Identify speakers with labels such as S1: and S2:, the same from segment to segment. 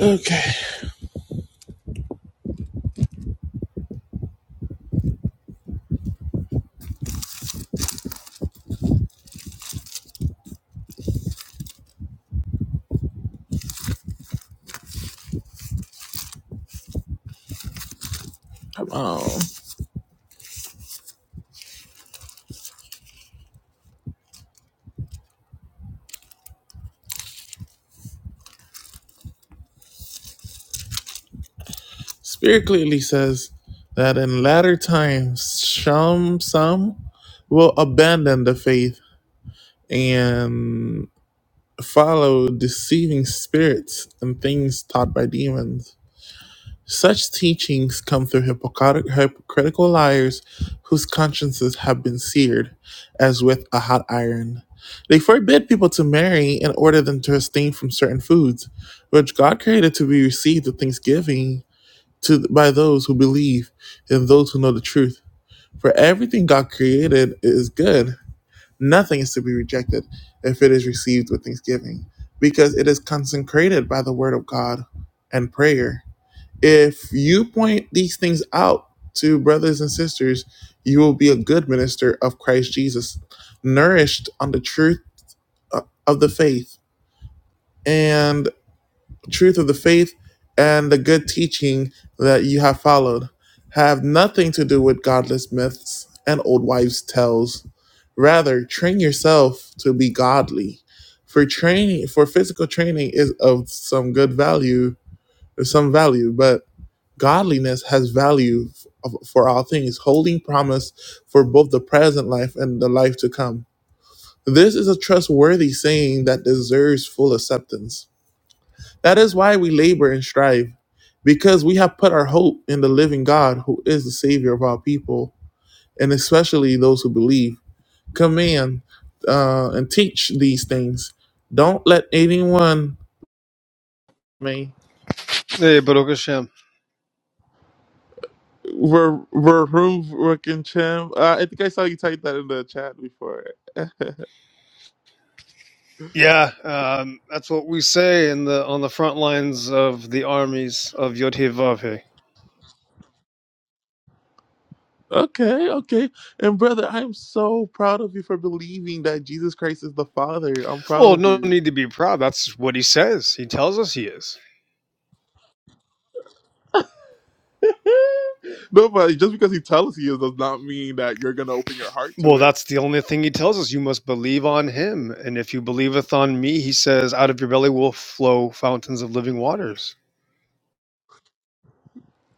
S1: Okay. Um, Spirit clearly says that in latter times, some some will abandon the faith and follow deceiving spirits and things taught by demons. Such teachings come through hypocritic, hypocritical liars whose consciences have been seared as with a hot iron. They forbid people to marry and order them to abstain from certain foods, which God created to be received with thanksgiving to by those who believe and those who know the truth. For everything God created is good. Nothing is to be rejected if it is received with thanksgiving, because it is consecrated by the word of God and prayer. If you point these things out to brothers and sisters, you will be a good minister of Christ Jesus, nourished on the truth uh, of the faith, and truth of the faith and the good teaching that you have followed have nothing to do with godless myths and old wives' tales. Rather, train yourself to be godly. For training, for physical training is of some good value, or some value, but godliness has value for all things, holding promise for both the present life and the life to come. This is a trustworthy saying that deserves full acceptance. That is why we labor and strive, because we have put our hope in the living God who is the Savior of all people, and especially those who believe. Command uh, and teach these things. Don't let anyone. may.
S2: Hey, Baruch Hashem.
S1: Ver, verhoof Rickencham. Uh, I think I saw you type that in the chat before.
S2: Yeah, um, that's what we say in the on the front lines of the armies of Yodhevavhe.
S1: Okay, okay. And brother, I'm so proud of you for believing that Jesus Christ is the Father. I'm proud
S2: Well,
S1: of
S2: no
S1: you.
S2: need to be proud. That's what he says. He tells us he is.
S1: no, but just because he tells you does not mean that you're gonna open your heart to
S2: Well,
S1: it,
S2: that's the only thing he tells us. You must believe on him, and if you believeth on me, he says, out of your belly will flow fountains of living waters.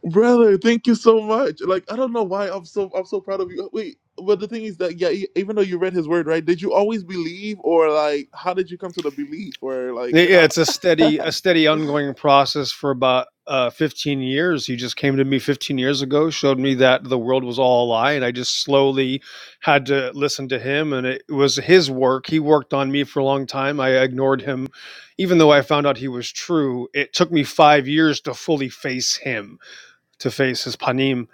S1: brother. Thank you so much. Like I don't know why I'm so I'm so proud of you. Wait, but the thing is that yeah, e- even though you read his word, right? Did you always believe, or like how did you come to the belief, or like
S2: yeah,
S1: you know?
S2: yeah, it's a steady, a steady ongoing process for about uh, 15 years. He just came to me 15 years ago, showed me that the world was all a lie, and I just slowly had to listen to him. And it was his work. He worked on me for a long time. I ignored him, even though I found out he was true. It took me five years to fully face him to face his panim,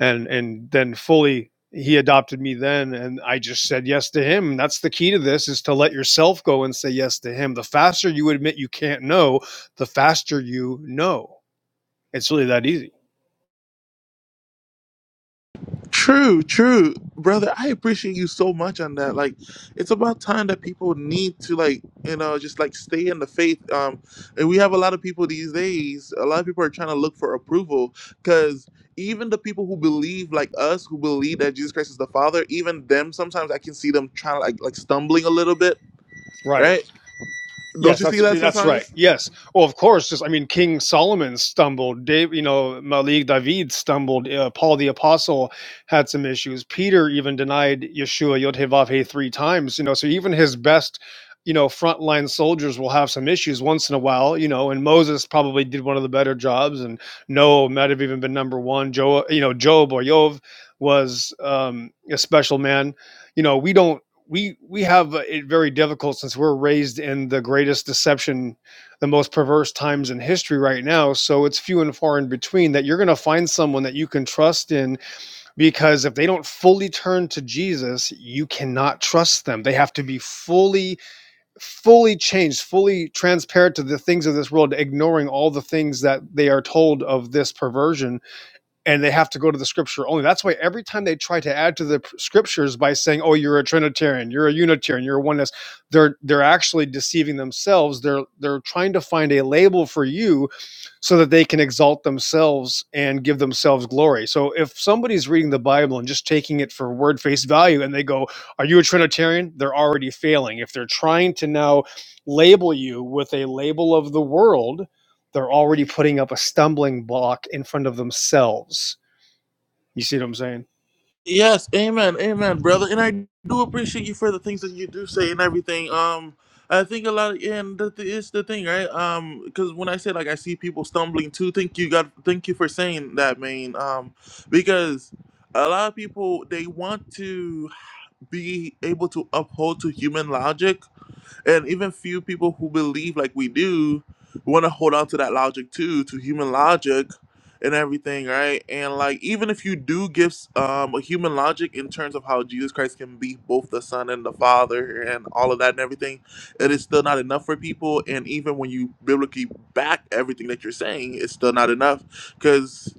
S2: and and then fully he adopted me then, and I just said yes to him. That's the key to this: is to let yourself go and say yes to him. The faster you admit you can't know, the faster you know. It's really that easy.
S1: True, true, brother. I appreciate you so much on that. Like, it's about time that people need to like, you know, just like stay in the faith. Um, and we have a lot of people these days. A lot of people are trying to look for approval because even the people who believe like us, who believe that Jesus Christ is the Father, even them sometimes I can see them trying to like like stumbling a little bit,
S2: Right.
S1: right? Don't
S2: Yes,
S1: you see
S2: that's
S1: that
S2: that's
S1: sometimes?
S2: right. Yes. Well, of course. Just I mean, King Solomon stumbled. Dave, you know, Malik David stumbled. Uh, Paul the apostle had some issues. Peter even denied Yeshua Yod Heh Vav Heh three times. You know, so even his best, you know, frontline soldiers will have some issues once in a while. You know, and Moses probably did one of the better jobs, and Noah might have even been number one. Joe, you know, Job or Yov was um, a special man. You know, we don't we we have it very difficult since we're raised in the greatest deception, the most perverse times in history right now. So it's few and far in between that you're going to find someone that you can trust in because if they don't fully turn to Jesus, you cannot trust them. They have to be fully fully changed, fully transparent to the things of this world, ignoring all the things that they are told of this perversion and they have to go to the scripture only. That's why every time they try to add to the scriptures by saying, "Oh, you're a Trinitarian, you're a Unitarian, you're a oneness," they're they're actually deceiving themselves. They're they're trying to find a label for you so that they can exalt themselves and give themselves glory. So if somebody's reading the Bible and just taking it for word face value, and they go, "Are you a Trinitarian?" They're already failing. If they're trying to now label you with a label of the world, they're already putting up a stumbling block in front of themselves you see what I'm saying?
S1: Yes, amen, amen, brother. And I do appreciate you for the things that you do say and everything. Um, I think a lot, and that is the thing, right? Um, because when I say like I see people stumbling too, thank you, God, thank you for saying that, man. Um, because a lot of people they want to be able to uphold to human logic and even few people who believe like we do want to hold on to that logic too, to human logic and everything, right? And like even if you do give um a human logic in terms of how Jesus Christ can be both the Son and the Father and all of that and everything, it is still not enough for people. And even when you biblically back everything that you're saying, it's still not enough because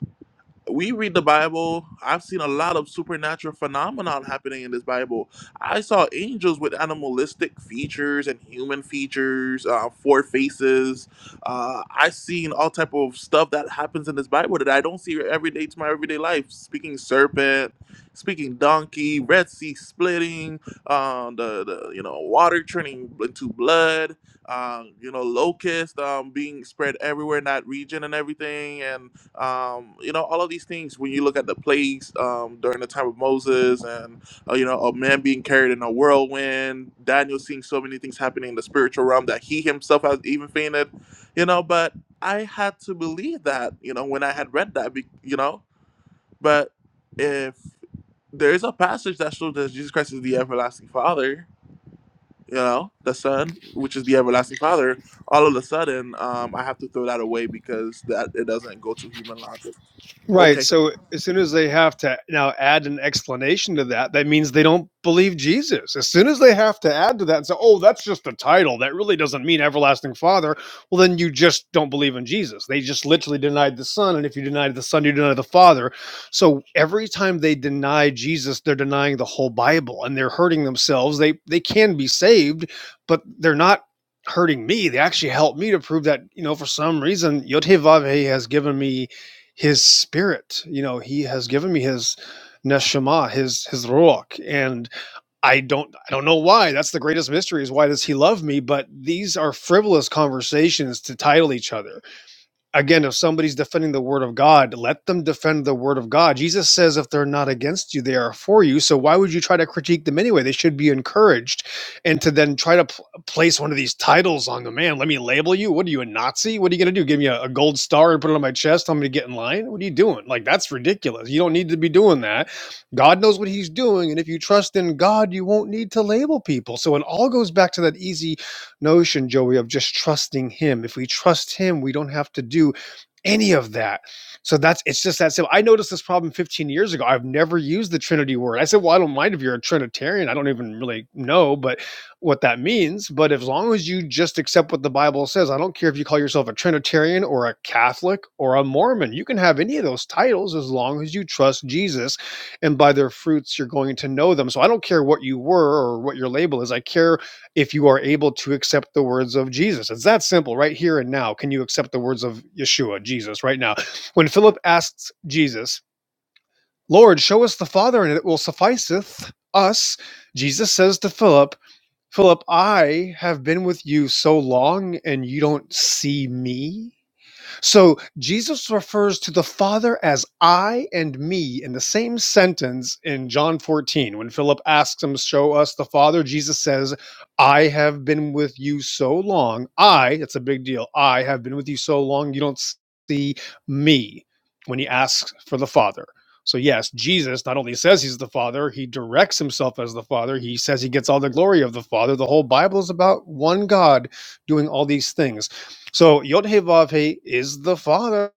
S1: we read the Bible. I've seen a lot of supernatural phenomenon happening in this Bible. I saw angels with animalistic features and human features, uh, four faces. Uh, I've seen all type of stuff that happens in this Bible that I don't see every day to my everyday life. Speaking serpent, speaking donkey, Red Sea splitting, uh, the, the you know water turning into blood, uh, you know locust um, being spread everywhere in that region and everything, and um, you know, all of these things. When you look at the plagues um, during the time of Moses, and uh, you know, a man being carried in a whirlwind, Daniel seeing so many things happening in the spiritual realm that he himself has even fainted, you know. But I had to believe that, you know, when I had read that, be- you know. But if there is a passage that shows that Jesus Christ is the everlasting Father, you know, the Son, which is the everlasting Father, all of a sudden, um, I have to throw that away because that it doesn't go to human logic.
S2: Right.
S1: Okay.
S2: So as soon as they have to now add an explanation to that, that means they don't believe Jesus. As soon as they have to add to that and say, oh, that's just a title, that really doesn't mean everlasting father, well, then you just don't believe in Jesus. They just literally denied the Son. And if you deny the Son, you deny the Father. So every time they deny Jesus, they're denying the whole Bible and they're hurting themselves. They they can be saved, but they're not hurting me. They actually help me to prove that, you know, for some reason, Yod Heh Vav Heh has given me his spirit. You know, he has given me his neshama, his his ruach, and I don't I don't know why. That's the greatest mystery is why does he love me? But these are frivolous conversations to title each other again, if somebody's defending the word of God, let them defend the word of God. Jesus says, if they're not against you, they are for you. So why would you try to critique them anyway? They should be encouraged. And to then try to pl- place one of these titles on the man, let me label you. What are you, a Nazi? What are you going to do? Give me a, a gold star and put it on my chest? Tell me to get in line? What are you doing? Like, that's ridiculous. You don't need to be doing that. God knows what he's doing. And if you trust in God, you won't need to label people. So it all goes back to that easy notion, Joey, of just trusting Him. If we trust Him, we don't have to do any of that. So that's it's just that simple. I noticed this problem 15 years ago. I've never used the Trinity word. I said, well, I don't mind if you're a Trinitarian. I don't even really know, but what that means. But as long as you just accept what the Bible says, I don't care if you call yourself a Trinitarian or a Catholic or a Mormon. You can have any of those titles as long as you trust Jesus, and by their fruits you're going to know them. So I don't care what you were or what your label is. I care if you are able to accept the words of Jesus. It's that simple, right here and now. Can you accept the words of Yeshua, Jesus, right now? When Philip asks Jesus, Lord, show us the Father, and it will sufficeth us, Jesus says to Philip, Philip, I have been with you so long, and you don't see me. So Jesus refers to the Father as I and me in the same sentence in John 14. When Philip asks him, Show us the Father, Jesus says, I have been with you so long. I, that's a big deal. I have been with you so long, you don't see me when he asks for the Father. So, yes, Jesus not only says he's the Father, he directs himself as the Father. He says he gets all the glory of the Father. The whole Bible is about one God doing all these things. So Yod He Vav He is the Father.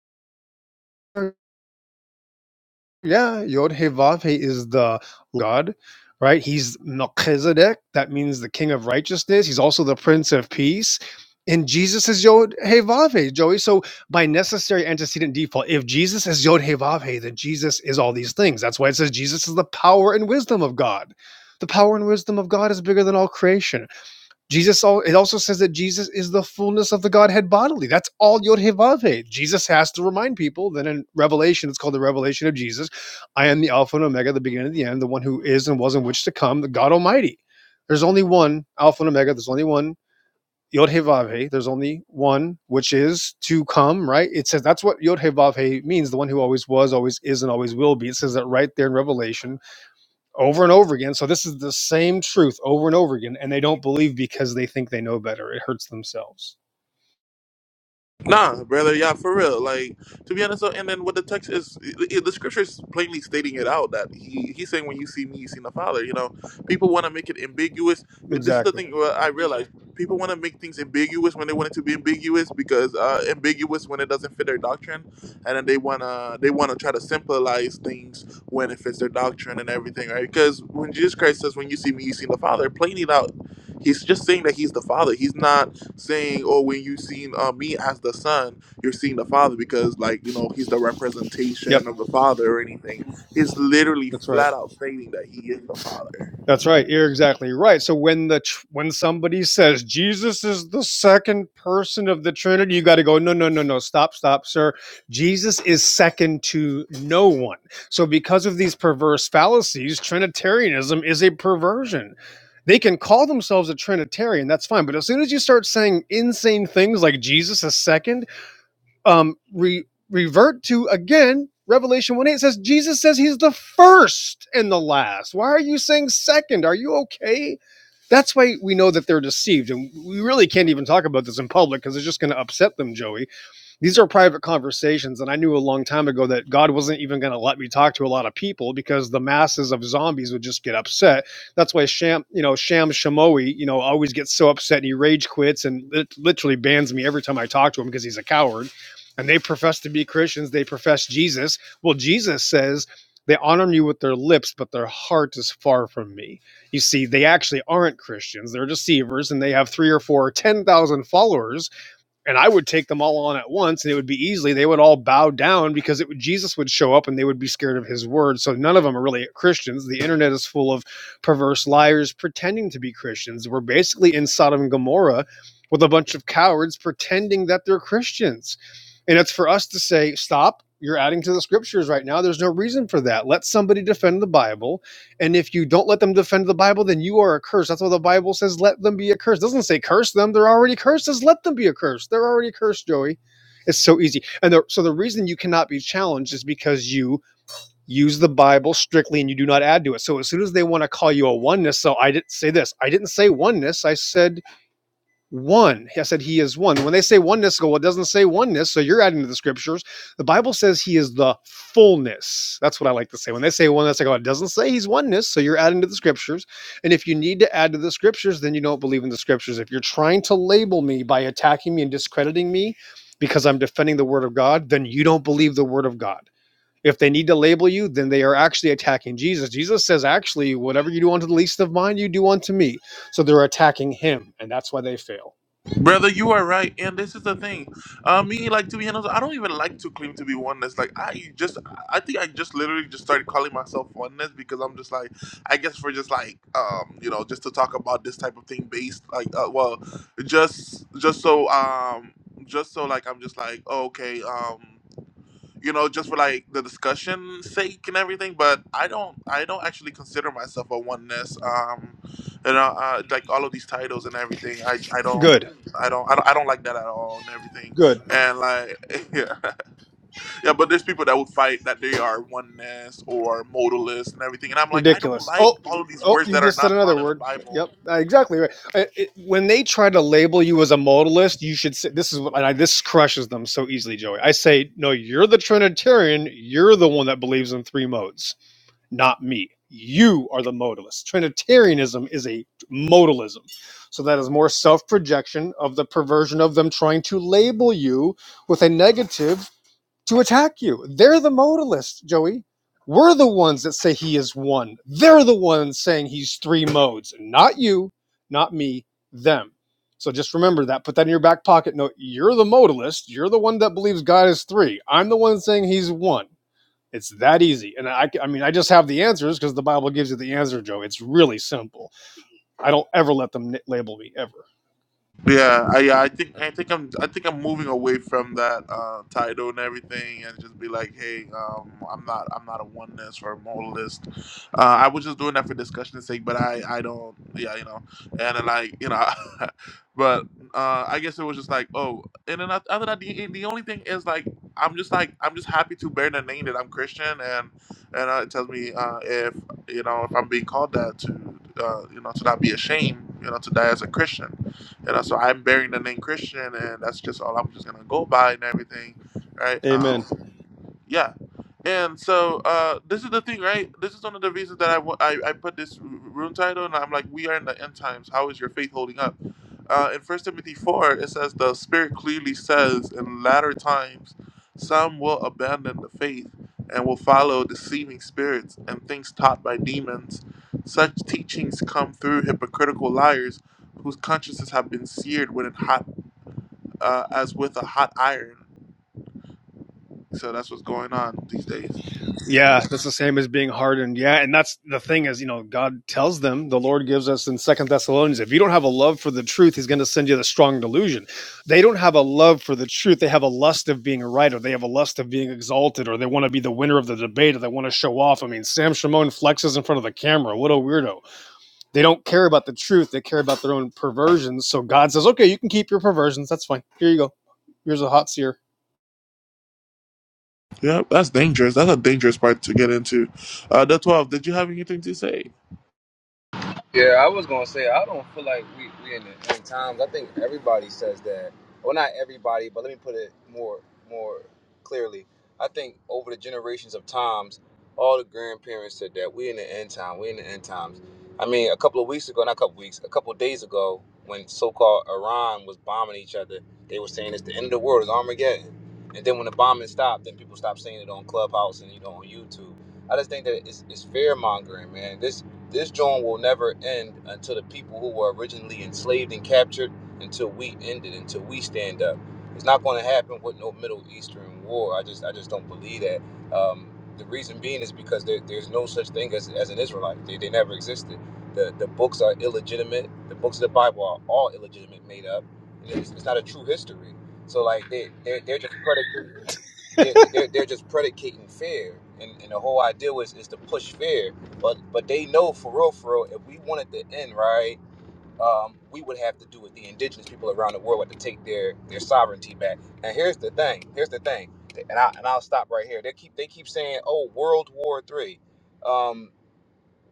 S2: Yeah, Yod He Vav He is the God, right? He's Melchizedek. That means the King of Righteousness. He's also the Prince of Peace. And Jesus is Yod He Vav He, Joey. So by necessary antecedent default, if Jesus is Yod He Vav He, then Jesus is all these things. That's why it says Jesus is the power and wisdom of God. The power and wisdom of God is bigger than all creation. Jesus, it also says that Jesus is the fullness of the Godhead bodily. That's all Yod Heh Vav Heh. Jesus has to remind people that in Revelation, it's called the revelation of Jesus. I am the Alpha and Omega, the beginning and the end, the one who is and was and which to come, the God Almighty. There's only one Alpha and Omega. There's only one Yod Heh Vav Heh. There's only one which is to come, right? It says that's what Yod Heh Vav Heh means, the one who always was, always is, and always will be. It says that right there in Revelation over and over again. So this is the same truth over and over again, and they don't believe because they think they know better. It hurts themselves.
S1: Nah, brother, yeah, for real. Like to be honest, though, and then what the text is, i- i- the scripture is plainly stating it out that he he's saying when you see me, you see the Father. You know, people want to make it ambiguous. This is the
S2: Exactly.
S1: thing uh, I realize: people want to make things ambiguous when they want it to be ambiguous because uh, ambiguous when it doesn't fit their doctrine, and then they wanna they wanna try to symbolize things when it fits their doctrine and everything, right? Because when Jesus Christ says, "When you see me, you see the Father," plainly out, he's just saying that he's the Father. He's not saying, "Oh, when you seen uh, me as the son, you're seeing the father because, like, you know, he's the
S2: Yep.
S1: representation of the father or anything." It's literally
S2: That's right.
S1: flat out stating that he is the father.
S2: That's right. You're exactly right. So when the tr- when somebody says Jesus is the second person of the Trinity, you got to go no no no no stop stop sir. Jesus is second to no one. So because of these perverse fallacies, trinitarianism is a perversion. They can call themselves a trinitarian, that's fine, but as soon as you start saying insane things like Jesus is second, um, re- revert to again Revelation 1 8 says Jesus says he's the first and the last. Why are you saying second? Are you okay? That's why we know that they're deceived. And we really can't even talk about this in public because it's just going to upset them, Joey. These are private conversations, and I knew a long time ago that God wasn't even going to let me talk to a lot of people because the masses of zombies would just get upset. That's why Sham, you know, Sham Shamoe, you know, always gets so upset and he rage quits and lit- literally bans me every time I talk to him because he's a coward. And they profess to be Christians. They profess Jesus. Well, Jesus says they honor me with their lips, but their heart is far from me you see they actually aren't christians they're deceivers and they have three or four or ten thousand followers and I would take them all on at once, and it would be easily. They would all bow down because it would, Jesus would show up, and they would be scared of his word. So none of them are really Christians. The internet is full of perverse liars pretending to be Christians. We're basically in Sodom and Gomorrah with a bunch of cowards pretending that they're Christians, and it's for us to say, "Stop! You're adding to the scriptures right now. There's no reason for that. Let somebody defend the Bible." And if you don't let them defend the Bible, then you are accursed. That's what the Bible says. Let them be accursed. It doesn't say curse them. They're already cursed. It says let them be accursed. They're already cursed, Joey. It's so easy. And the, so the reason you cannot be challenged is because you use the Bible strictly and you do not add to it. So as soon as they want to call you a oneness, so I didn't say this. I didn't say oneness. I said one. I said he is one. When they say oneness, go, well, it doesn't say oneness, so you're adding to the scriptures. The Bible says he is the fullness. That's what I like to say. When they say oneness, I go, it doesn't say he's oneness, so you're adding to the scriptures. And if you need to add to the scriptures, then you don't believe in the scriptures. If you're trying to label me by attacking me and discrediting me because I'm defending the word of God, then you don't believe the word of God. If they need to label you, then they are actually attacking Jesus. Jesus says, actually, whatever you do unto the least of mine, you do unto me. So they're attacking him, and that's why they fail.
S1: Brother, you are right, and this is the thing. Uh, me, like, to be honest, I don't even like to claim to be oneness. Like, I just, I think I just literally just started calling myself oneness because I'm just like, I guess for just like, um, you know, just to talk about this type of thing based, like, uh, well, just, just so, um, just so like I'm just like oh, okay, um, you know, just for like the discussion sake and everything. But I don't, I don't actually consider myself a oneness. Um, you know, uh, like all of these titles and everything. I, I don't.
S2: Good,
S1: I don't, I don't, I don't like that at all and everything.
S2: good,
S1: And like, yeah, yeah, but there's people that would fight that they are oneness or modalist and everything. And I'm like, I don't
S2: ridiculous.
S1: like
S2: Oh,
S1: all of these
S2: oh,
S1: words
S2: you
S1: that are
S2: just said
S1: not
S2: another
S1: found in the
S2: word.
S1: Bible.
S2: Yep, uh, exactly right. Uh, it- when they try to label you as a modalist, you should say this is what and I, this crushes them so easily, Joey. I say, no, you're the Trinitarian. You're the one that believes in three modes, not me. You are the modalist. Trinitarianism is a modalism. So that is more self projection of the perversion of them trying to label you with a negative to attack you. They're the modalists, Joey. We're the ones that say he is one. They're the ones saying he's three modes, not you, not me, them. So just remember that. Put that in your back pocket. No, you're the modalist. You're the one that believes God is three. I'm the one saying he's one. It's that easy. And I, I mean, I just have the answers because the Bible gives you the answer, Joe. It's really simple. I don't ever let them label me ever.
S1: Yeah, I, yeah, I think I think I'm I think I'm moving away from that uh, title and everything, and just be like, hey, um, I'm not I'm not a oneness or a modalist. Uh, I was just doing that for discussion's sake, but I I don't yeah you know, and then like you know, but uh, I guess it was just like oh, and then oth- other than that, the, the only thing is like I'm just like I'm just happy to bear the name that I'm Christian, and and uh, it tells me uh, if you know if I'm being called that to uh, you know to not be ashamed, you know, to die as a Christian you know, so I'm bearing the name Christian, and that's just all I'm just gonna go by and everything, right? Um,
S2: Amen.
S1: yeah. And so uh, this is the thing, right? This is one of the reasons that I wa- I I put this r- room title, and I'm like, we are in the end times. How is your faith holding up? Uh, in First Timothy four, it says the Spirit clearly says in latter times, some will abandon the faith and will follow deceiving spirits and things taught by demons. Such teachings come through hypocritical liars, whose consciences have been seared with a hot uh, as with a hot iron. So that's what's going on these days.
S2: Yeah, that's the same as being hardened. Yeah, and that's the thing is, you know, God tells them, the Lord gives us in Second Thessalonians, if you don't have a love for the truth, He's going to send you the strong delusion. They don't have a love for the truth; they have a lust of being right, or they have a lust of being exalted, or they want to be the winner of the debate, or they want to show off. I mean, Sam Shimon flexes in front of the camera. What a weirdo! They don't care about the truth; they care about their own perversions. So God says, "Okay, you can keep your perversions. That's fine. Here you go. Here's a hot seer."
S1: Yeah, that's dangerous. That's a dangerous part to get into. Uh, the 12, did you have anything to say?
S3: Yeah, I was gonna say I don't feel like we we in the end times. I think everybody says that. Well, not everybody, but let me put it more more clearly. I think over the generations of times, all the grandparents said that we in the end time. We in the end times. I mean, a couple of weeks ago, not a couple weeks, a couple of days ago, when so-called Iran was bombing each other, they were saying it's the end of the world, it's Armageddon. And then when the bombing stopped, then people stopped saying it on Clubhouse and you know on YouTube. I just think that it's, it's fear mongering, man. This. This joint will never end until the people who were originally enslaved and captured, until we end it, until we stand up. It's not going to happen with no Middle Eastern war. I just, I just don't believe that. Um, the reason being is because there, there's no such thing as, as an Israelite. They, they never existed. The, the books are illegitimate. The books of the Bible are all illegitimate, made up. It's, it's not a true history. So like they, they're, they're just predicate they're, they're, they're just predicating fear and, and the whole idea was is to push fear but but they know for real for real if we wanted the end right um, we would have to do it. the indigenous people around the world would have to take their their sovereignty back and here's the thing here's the thing and, I, and i'll stop right here they keep they keep saying oh world war three Um,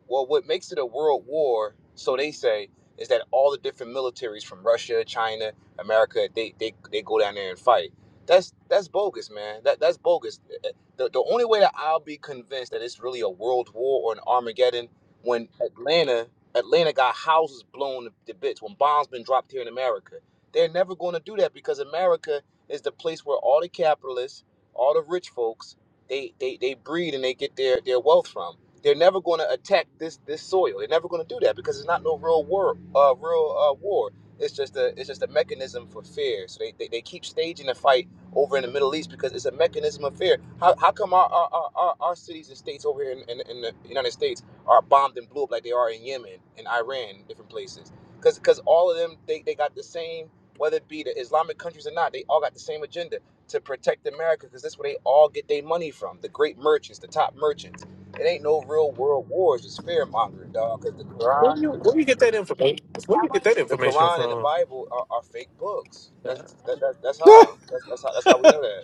S3: well, what makes it a world war, so they say, is that all the different militaries from Russia, China, America, they they, they go down there and fight. That's that's bogus, man. That that's bogus. Eh, eh, The, the only way that I'll be convinced that it's really a world war or an Armageddon when Atlanta Atlanta got houses blown to bits when bombs been dropped here in America. They're never going to do that because America is the place where all the capitalists, all the rich folks, they they, they breed and they get their, their wealth from they're never going to attack this this soil. They're never going to do that because it's not no real war. Uh, real uh, war. It's just a it's just a mechanism for fear. So they, they, they keep staging a fight over in the Middle East because it's a mechanism of fear. How, how come our our, our, our our cities and states over here in, in, in the United States are bombed and blew up like they are in Yemen and Iran, different places? Because because all of them they, they got the same whether it be the Islamic countries or not, they all got the same agenda to protect America because that's where they all get their money from. The great merchants, the top merchants. It ain't no real world wars. It's just fear mongering, dog. Because the
S4: Where
S3: Quran,
S4: you where you get that information? Where you get that
S3: the
S4: information
S3: Quran and the
S4: from?
S3: Bible are, are fake books. That's that, that, that's how. That's, that's how. That's how we know that.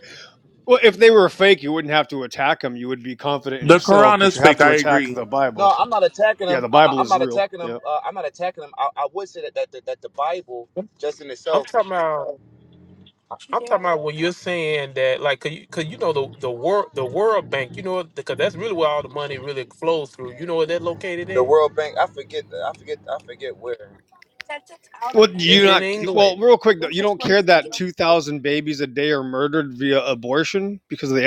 S2: Well, if they were fake, you wouldn't have to attack them. You would be confident in
S1: The
S2: yourself,
S1: Quran
S2: but
S1: is
S2: you have
S1: fake.
S2: to
S1: I
S2: attack
S1: agree.
S2: the Bible.
S3: No, I'm not attacking
S2: Yeah,
S3: them.
S2: the
S3: I, I-
S2: Bible
S3: I'm
S2: is
S3: not
S2: real.
S3: attacking them.
S2: Yeah.
S3: Uh, I'm not attacking them. I, I would say that, that that that the Bible, just in
S4: I'm
S3: itself,
S4: talking about. I'm talking about when you're saying that, like, cause you, 'cause you know the the world the World Bank, you know, because that's really where all the money really flows through. You know where that located
S3: the
S4: at?
S3: World Bank. I forget. the- I forget. I forget where.
S2: Well, do you
S4: It's in
S2: not.
S4: England.
S2: Well, real quick though, you don't care that two thousand babies a day are murdered via abortion because of the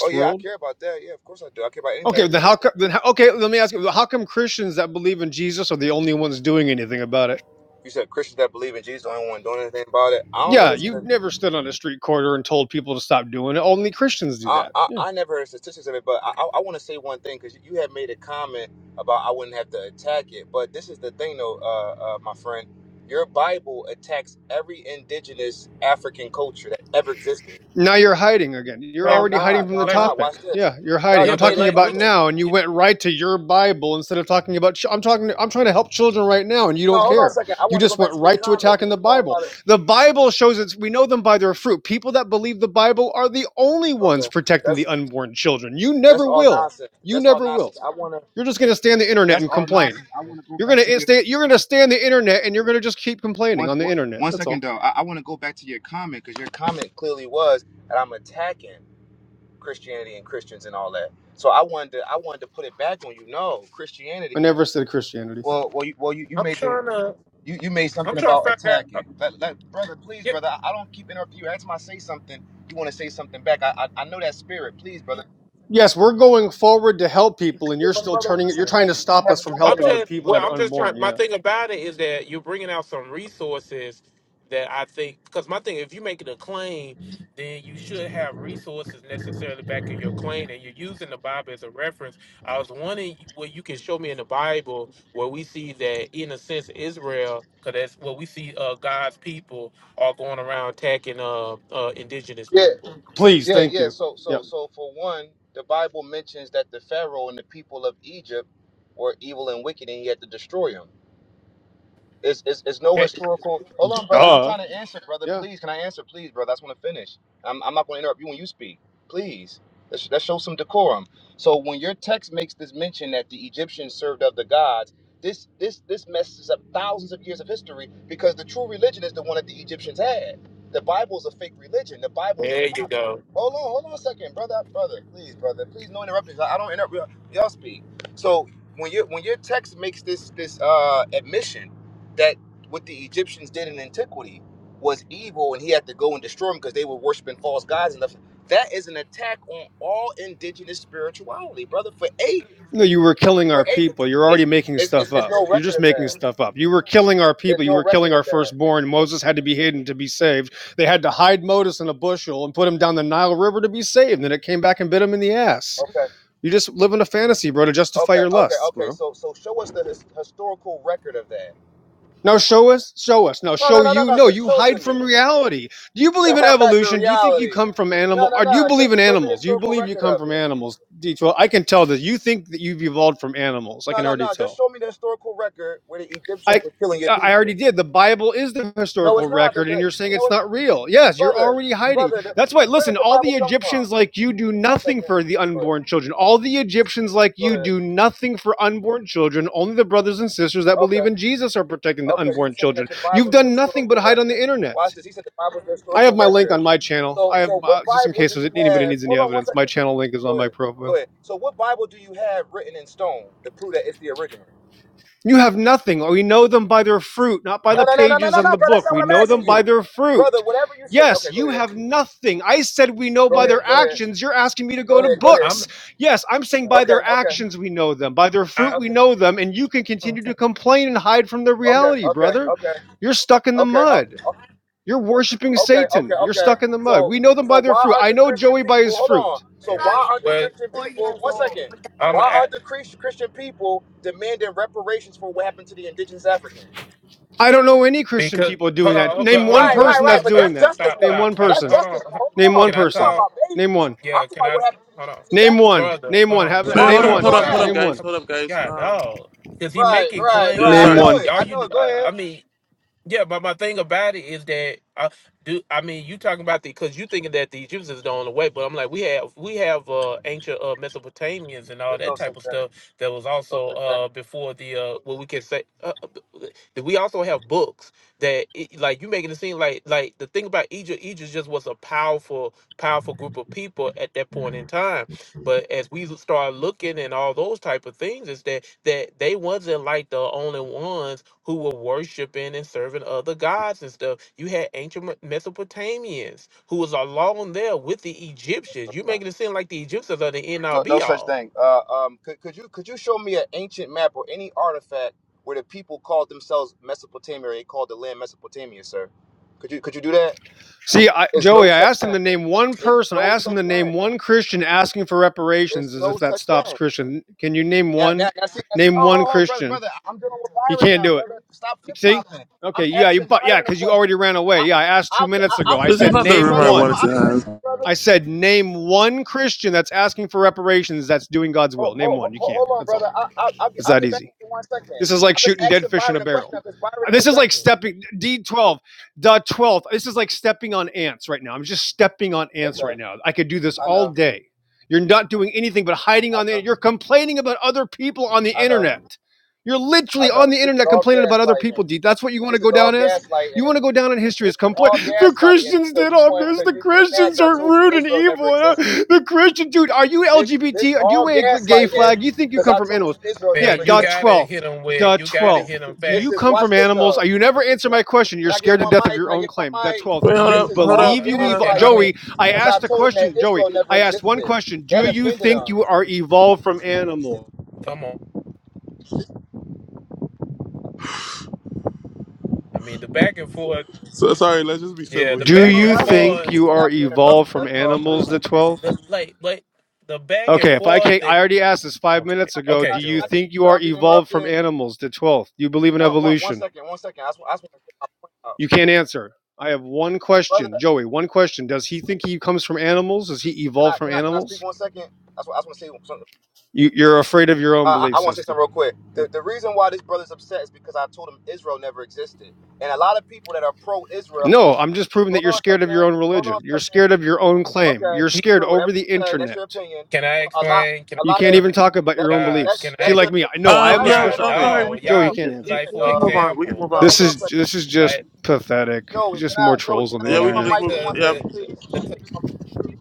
S3: Oh yeah, I
S2: world.
S3: care about that. Yeah, of course I do. I care about anybody.
S2: Okay,
S3: Doing
S2: then how come?
S3: it.
S2: Then how, okay, let me ask you: How come Christians that believe in Jesus are the only ones doing anything about it?
S3: You said Christians that believe in Jesus, are the only one doing anything about it. I don't know
S2: Yeah,
S3: this.
S2: you've never stood on a street corner and told people to stop doing it. Only Christians do
S3: I,
S2: that.
S3: I,
S2: Yeah.
S3: I never heard statistics of it, but I, I want to say one thing because you had made a comment about I wouldn't have to attack it. But this is the thing, though, uh, uh, my friend. Your Bible attacks every indigenous African culture that ever existed.
S2: Now you're hiding again. You're
S3: No,
S4: Like,
S3: I'm
S2: already hiding
S3: not.
S2: from
S3: No,
S2: the
S3: I'm
S4: like
S3: not.
S4: what?
S2: topic.
S3: Watch this.
S2: Yeah, you're hiding.
S3: No,
S4: Yeah,
S2: I'm
S3: you
S4: but
S3: made a
S2: talking
S4: like,
S2: about
S4: which?
S3: comment.
S2: now, and you went right to your Bible instead of talking about. Ch- I'm talking. I'm trying to help children right now, and you
S3: No,
S2: don't
S3: hold on a
S2: care.
S3: second. I
S2: You
S3: want to
S2: just
S3: go
S2: went
S3: back to your
S2: right to
S3: comment. You,
S2: attacking the
S3: you throwing a
S2: Bible.
S3: lot of.
S2: The Bible shows us we know them by their fruit. People that believe the Bible are the only ones
S3: Okay,
S2: protecting the
S3: that's
S2: unborn children. You
S3: that's
S2: never
S3: all
S2: will.
S3: nonsense.
S2: You
S3: That's all
S2: never will.
S3: nonsense. I want to.
S2: You're just going to stand the internet
S3: That's
S2: and
S3: all
S2: complain.
S3: nonsense. I want to go
S2: You're going
S3: back to your.
S2: to stay. You're going to stand the internet, and you're going to just keep complaining
S3: Once,
S2: on the
S3: one,
S2: internet.
S3: one
S2: That's
S3: second
S2: all.
S3: though, I, I want to go back to your comment because your comment clearly was that I'm attacking Christianity and Christians and all that. So I wanted to, I wanted to put it back on you. No, Christianity.
S2: I never said Christianity.
S3: Well, well, you, well, you, you
S4: I'm
S3: made the
S4: trying to.
S3: you, you made
S4: I'm
S3: something
S4: trying to
S3: about
S4: find out. uh,
S3: attacking. Let, let, brother, please, brother, I, I don't keep interrupting you. Every time I say something, you want to say something back. I, I I know that spirit. Please, brother.
S2: Yes, we're going forward to help people, and
S3: Yeah,
S2: you're
S3: brother,
S2: still
S3: brother,
S2: turning
S3: one
S2: it. You're
S4: Yeah,
S3: second.
S2: trying
S3: though.
S2: to
S3: we trying to
S2: stop
S3: have
S2: us
S3: a
S2: from
S4: I'm
S2: helping the
S3: dialogue.
S4: just
S2: people
S4: well.
S2: that are
S4: I'm just trying.
S2: unborn.
S4: My
S2: Yeah.
S4: thing about it is that you're bringing out some resources that I think. Because my thing, if you make it a claim, then you should have resources necessarily back in your claim, and you're using the Bible as a reference. I was wondering where you can show me in the Bible where we see that, in a sense, Israel, because that's what we see. Uh, God's people are going around attacking uh, uh indigenous
S3: Yeah.
S4: people.
S2: Please,
S3: Yeah,
S2: thank
S3: yeah.
S2: you.
S3: So,
S2: Yeah.
S3: so, so for one, the Bible mentions that the Pharaoh and the people of Egypt were evil and wicked, and he had to destroy them. It's, it's, it's no
S4: Okay,
S3: historical. Hold on, brother. I'm
S2: Duh.
S3: trying to answer, brother.
S2: Yeah.
S3: Please, can I answer, please, brother? I just want to finish. I'm, I'm not going to interrupt you when you speak. Please, let's, let's show some decorum. So when your text makes this mention that the Egyptians served of the gods, this this this messes up thousands of years of history because the true religion is the one that the Egyptians had. The Bible is a fake religion. The Bible is a
S4: there you
S3: copy.
S4: go.
S3: Hold on, hold on a second, brother, brother. Please, brother. Please, no interruptions. I I don't interrupt. Y'all y'all speak. So when your when your text makes this this uh admission that what the Egyptians did in antiquity was evil, and he had to go and destroy them because they were worshiping false gods and stuff. That is an attack on all indigenous spirituality, brother. For eight,
S2: No, you were killing
S3: for
S2: our
S3: eight,
S2: people. You're
S3: it's
S2: already making
S3: it's,
S2: stuff
S3: it's, it's
S2: up.
S3: no
S2: You're just
S3: record of
S2: making
S3: that.
S2: stuff up. You were killing our people.
S3: There's
S2: You
S3: no
S2: were killing
S3: record
S2: our
S3: of that.
S2: firstborn. Moses had to be hidden to be saved. They had to hide Moses in a bushel and put him down the Nile River to be saved. And then it came back and bit him in the ass.
S3: Okay,
S2: You just live in a fantasy, bro, to justify
S3: okay,
S2: your
S3: okay,
S2: lusts, bro.
S3: okay. So so show us the his, historical record of that.
S2: No, show us, show us. No,
S3: No, no,
S2: show
S3: no, no,
S2: you.
S3: no.
S2: No,
S3: Show,
S2: you
S3: show it to
S2: hide
S3: me.
S2: from reality. Do you believe in
S3: That's a
S2: evolution? Do you think you
S3: reality.
S2: come from
S3: No,
S2: animal?
S3: no,
S2: Or do you
S3: no. Show,
S2: believe in
S3: show me the
S2: animals? You
S3: historical
S2: believe you
S3: record
S2: come
S3: of
S2: from
S3: it.
S2: animals, D12. I can tell that you think that you've evolved from animals. I
S3: No,
S2: can
S3: no,
S2: already
S3: no.
S2: tell.
S3: Just show me the historical record where the
S2: I
S3: Egyptians were killing your
S2: I
S3: people.
S2: already did. The Bible is the
S3: No,
S2: historical
S3: it's not. The,
S2: record,
S3: the,
S2: and you're saying
S3: no,
S2: it's
S3: it's,
S2: not real. Yes, you're
S3: brother,
S2: already hiding.
S3: brother, the,
S2: That's why.
S3: where does
S2: Listen,
S3: the
S2: all
S3: Bible
S2: the
S3: come from?
S2: Egyptians like you do
S3: One
S2: nothing
S3: second.
S2: for the
S3: Go ahead.
S2: unborn children. All the Egyptians like
S3: Go
S2: you
S3: ahead.
S2: do nothing for unborn children. Only the brothers and sisters that
S3: Okay.
S2: believe in Jesus are protecting the
S3: Okay, you
S2: unborn
S3: saying
S2: children.
S3: that the
S2: You've
S3: Bible's the
S2: done nothing but
S3: historical
S2: hide on the
S3: record.
S2: internet.
S3: Watch this. He said the Bible's the
S2: I have
S3: historical
S2: my link
S3: record.
S2: on my channel.
S3: So,
S2: I have
S3: so what
S2: uh, just in
S3: Bible
S2: case
S3: do you
S2: anybody
S3: have?
S2: needs any
S3: Hold on one
S2: evidence. My
S3: second.
S2: channel link is on
S3: Go
S2: my
S3: ahead.
S2: profile.
S3: Go ahead. So, what Bible do you have written in stone to prove that it's the original?
S2: You have nothing. Or We know them by their fruit, not by
S4: I'm.
S2: the
S3: No, no, no, no, no,
S2: pages
S3: no,
S2: on
S3: no,
S2: the
S3: bro. That's
S2: book.
S3: not
S2: We
S3: what I'm
S2: know
S3: asking
S2: them by
S3: you,
S2: their fruit.
S3: brother. Whatever you say.
S2: Yes,
S3: Okay, go
S2: you have
S3: ahead.
S2: nothing. I said we know
S3: Go
S2: by their
S3: ahead. Go ahead.
S2: actions. You're asking me to
S3: Go
S2: go to
S3: ahead. Go ahead.
S4: I'm
S2: books. Yes, I'm saying by
S3: Okay.
S2: their
S3: Okay.
S2: actions we know them. By their
S4: I,
S2: fruit we
S3: Okay.
S2: know them. And you can continue
S4: okay.
S2: to complain and hide from the
S3: Okay,
S2: reality,
S3: okay, okay,
S2: brother.
S3: okay,
S2: You're stuck in the
S3: Okay, uh,
S2: mud.
S3: uh,
S2: You're worshiping
S3: okay, okay,
S2: Satan. You're
S3: okay.
S2: stuck in the mud.
S3: So,
S2: We know them
S3: so
S2: by their
S3: why
S2: fruit.
S3: aren't
S2: I
S3: the
S2: know
S3: Christian
S2: Joey by
S3: people?
S2: his
S3: Hold
S2: fruit.
S3: on. So why aren't the
S4: Well,
S3: Christian people? One second. Why
S4: I'm.
S3: aren't the Chris- Christian people demanding reparations for what happened to the indigenous Africans?
S2: I don't know any Christian
S4: Because
S2: people
S4: hold
S2: doing
S4: on,
S2: that.
S4: hold on,
S2: Name
S4: hold on,
S2: one
S3: Right,
S4: hold on,
S3: right,
S2: person
S3: right.
S2: that's
S4: stop,
S3: But
S4: stop,
S2: doing
S3: that's
S2: that.
S3: justice,
S4: stop,
S2: Name
S3: though.
S4: stop,
S2: one
S3: That's
S4: stop.
S2: person.
S4: Hold
S3: justice.
S4: on.
S3: Though.
S4: hu-
S2: Name
S3: Hold on.
S2: one
S4: Can I
S3: You
S2: person.
S3: talking
S4: talk?
S3: about
S2: Name
S3: babies?
S2: one.
S3: I'm
S4: Yeah,
S3: talking
S4: can
S3: about
S4: I?
S3: what happened to the
S4: Hold on,
S3: indigenous
S2: Name one.
S3: Africans.
S4: brother.
S2: Name
S4: Hold
S2: one.
S4: on,
S2: Have it.
S3: Why
S4: brother.
S1: Wait,
S3: aren't
S2: Name
S1: hold up,
S3: people
S4: Stop,
S2: one.
S1: hold
S3: doing
S1: up, hold
S4: stop.
S3: that?
S1: up,
S2: Name
S1: guys.
S2: one.
S4: Come-
S1: Hold up, guys.
S4: God,
S1: Um,
S4: dog. Because he
S3: Right,
S4: making
S3: right,
S4: claim
S1: yeah,
S3: right. I
S2: Name
S1: sorry.
S4: like
S3: know
S2: one.
S3: it.
S4: y'all.
S3: I
S4: You,
S3: know it. Go
S4: I, I
S3: ahead.
S4: mean. Yeah, but my thing about it is that I do I mean you talking about the because you thinking that the Egyptians don't away, but I'm like we have we have uh, ancient uh, Mesopotamians and all
S3: There's
S4: that
S3: no
S4: type
S3: such
S4: of
S3: thing.
S4: stuff that was
S3: No
S4: also
S3: such
S4: uh, before the uh, what we can say. Uh, uh, b- we also have books that it, like you making it seem like like the thing about Egypt, Egypt just was a powerful powerful group of people at that point in time, but as we start looking and all those type of things, is that that they wasn't like the only ones who were worshiping and serving other gods and stuff. You had ancient Me- Mesopotamians who was along there with the Egyptians. You
S3: thing.
S4: making it seem like the Egyptians are the end all
S3: No, no
S4: be
S3: such
S4: all.
S3: thing. Uh, um, could, could you could you show me an ancient map or any artifact where the people called themselves Mesopotamia? Or they called the land Mesopotamia, sir. Could you could you do that?
S2: See, I,
S3: It's no
S2: Joey, I
S3: such
S2: asked him
S3: thing.
S2: to name one
S3: It's
S2: person. I
S3: no
S2: asked him
S3: such
S2: to
S3: thing.
S2: name one Christian asking for reparations,
S3: It's
S2: as if
S3: no
S2: that
S3: such
S2: stops
S3: thing.
S2: Christian. Can you name
S3: Now,
S2: one?
S3: now, now see, now see,
S2: Name
S3: oh,
S2: one
S3: hold on, brother,
S2: Christian.
S3: brother. I'm dealing with
S2: He
S3: Byron
S2: can't
S3: now,
S2: do it.
S3: brother. Stop
S2: You
S3: flip
S2: see?
S3: flopping. I'm
S2: Okay. Yeah. You.
S3: asking
S2: But yeah,
S3: Byron a
S2: because you
S3: question.
S2: already ran
S3: I,
S2: away. Yeah. I asked two
S3: I'll get,
S2: minutes
S3: I,
S2: ago.
S3: I'll
S2: I
S3: get
S1: This is
S2: said
S3: back
S1: not
S3: to
S1: the
S3: you,
S2: name
S1: rumor
S3: brother.
S1: I
S3: Hold on,
S2: one.
S1: wanted to
S3: I'll get back to you,
S1: have.
S3: brother.
S2: I said name one Christian that's asking for reparations that's doing God's will.
S3: Hold,
S2: Name
S3: hold,
S2: one. You
S3: hold,
S2: can't.
S3: hold on,
S2: That's all.
S3: brother. I, I, I'll, get,
S2: It's
S3: I'll
S2: that
S3: get back
S2: easy.
S3: in one
S2: This is
S3: second.
S2: like
S3: I'm just
S2: shooting dead
S3: asking
S2: fish in a
S3: Byron a
S2: barrel.
S3: question because Byron
S2: This is like
S3: interjected.
S2: stepping D12, dot 12. This is like stepping on ants right now. I'm just stepping on ants right
S3: Okay,
S2: now. I could do this
S3: I
S2: all
S3: know,
S2: day. You're not doing anything but hiding
S3: I
S2: on the
S3: know,
S2: you're complaining about other people on the
S3: I know,
S2: internet. You're
S3: I
S2: literally
S3: know.
S2: on the
S3: This is
S2: internet
S3: all
S2: complaining about other
S3: gaslighting.
S2: people, D. That's what you want
S3: This
S2: to
S3: is
S2: go
S3: all
S2: down as? You
S3: gaslighting.
S2: want to go down in history
S3: This
S2: as
S3: is
S2: complain
S3: all
S2: the
S3: gaslighting
S2: Christians did
S3: because you
S2: all
S3: want
S2: this.
S3: because
S2: The
S3: you, you're mad
S2: Christians
S3: 'cause I
S2: are
S3: told you
S2: rude and
S3: Israel never
S2: evil. uh,
S3: existed.
S2: The Christian dude, are you
S3: This this
S2: LGBT? Do you
S3: all
S2: wear a gay
S3: gaslighting
S2: flag? You think you
S3: because
S2: come
S3: I
S2: from
S3: told
S2: animals?
S3: you
S4: I
S3: Israel
S2: Yeah,
S3: never
S4: mean, you
S2: dot
S3: existed.
S4: gotta
S2: 12.
S4: hit them with
S2: The
S4: you
S3: This
S4: gotta
S3: is
S4: hit
S2: twelfth.
S4: them
S2: Do
S3: this
S2: you
S3: is
S4: facts.
S2: come
S3: watch
S2: from
S3: this
S2: animals?
S3: though.
S2: Uh, you never answer
S3: Can I,
S2: my question? You're
S3: can I get
S2: scared to
S3: one
S2: death of
S3: mic?
S2: your
S3: Can I
S2: own
S3: get one
S2: claim. The
S3: mic?
S2: twelfth.
S1: Wait,
S2: Do
S1: hold
S2: you
S3: This
S1: up,
S3: is
S1: hold
S3: all
S1: up,
S2: believe
S4: Uh,
S2: you
S1: hold
S4: yeah,
S1: up.
S2: evolved?
S4: I mean,
S2: Joey,
S3: gaslighting
S2: I
S3: because I
S2: asked a
S3: told him that
S2: question. Joey,
S3: Israel never
S2: I asked one
S3: existed.
S2: question.
S3: That
S2: Do you
S3: offended
S2: think
S3: him.
S2: you are evolved from animals?
S4: come on.
S3: This,
S4: I mean, the back and forth.
S1: So sorry. Let's just be
S4: Yeah,
S1: civil
S4: the
S1: here.
S2: Do
S1: Let's
S3: yo,
S4: back
S1: just be
S4: and
S2: you
S3: I just want
S1: civil.
S2: think
S4: forth.
S2: you
S3: to
S2: are
S3: not be
S2: evolved
S3: interrupted.
S2: from
S3: That's all,
S4: Hold
S3: please.
S2: animals?
S4: on,
S2: The
S4: man.
S2: twelfth.
S4: The, like, like the back and
S2: Okay, if I
S4: forth.
S2: can't, I
S4: That
S2: already asked this five
S4: okay,
S2: minutes ago.
S4: okay,
S2: Do
S3: Can I, can
S2: you
S3: I
S4: Joy.
S3: just
S2: think you are
S3: without being
S2: evolved from
S3: interrupted?
S2: animals? The twelfth. Do you believe in
S3: One, one, one
S2: evolution?
S3: second, one second. I just, want- I just want to get my point out,
S2: You can't answer. I have one
S3: brother.
S2: question, Joey. One question. Does he think he comes from animals? Does he
S3: Can
S2: evolve
S3: I,
S2: from
S3: can I, can I speak
S2: animals?
S3: one second? That's what I just want to say. Something.
S2: You, you're afraid of your own
S3: Uh, I,
S2: belief
S3: I want to say something
S2: system.
S3: real quick. The,
S2: Okay.
S3: the reason why this brother's upset is because I told him Israel never existed, and a lot of people that are pro-Israel.
S2: No, I'm just proving that
S3: Hold
S2: you're
S3: on a
S2: scared of your
S3: second.
S2: own
S3: Hold on
S2: religion.
S3: a
S2: You're
S3: second.
S2: scared of your own claim.
S3: Okay,
S2: You're scared
S3: sure. Whatever
S2: over the
S3: you say, that's
S2: internet.
S3: your opinion.
S4: Can I
S3: A lot,
S4: explain? Can
S3: a
S2: You
S3: lot
S2: can't
S4: I
S3: of
S2: even
S4: explain
S2: talk about
S3: that,
S2: your own
S4: God?
S3: that,
S4: Can
S2: beliefs. See,
S4: I
S3: that's your
S2: like me,
S3: opinion.
S2: I know I
S1: Um,
S2: am a
S3: Byron,
S1: yeah.
S3: hold
S2: special
S4: God
S1: I'm
S3: on,
S2: creator.
S1: sorry.
S3: man.
S1: We
S4: dog?
S1: can,
S3: Come
S2: Joey, he
S4: Y'all
S3: on,
S1: we
S2: can't
S1: can,
S2: answer.
S4: like
S3: man.
S1: we
S4: for
S1: can
S3: Uh,
S1: move on. We can move
S4: example,
S3: yo,
S1: on
S2: This
S3: hold
S1: from
S3: on
S2: is
S1: this.
S3: for
S2: this is just
S4: like
S2: pathetic. It's
S3: Joey. Can
S2: just more
S3: I, Joey?
S2: trolls on
S3: Can I
S2: the
S4: hold
S1: Yeah,
S3: get
S1: we
S4: on,
S1: can
S3: one
S2: internet.
S1: just
S3: mic
S1: move.
S3: for one
S4: because
S1: Yeah,
S3: second,
S4: the, the,
S3: please?
S4: the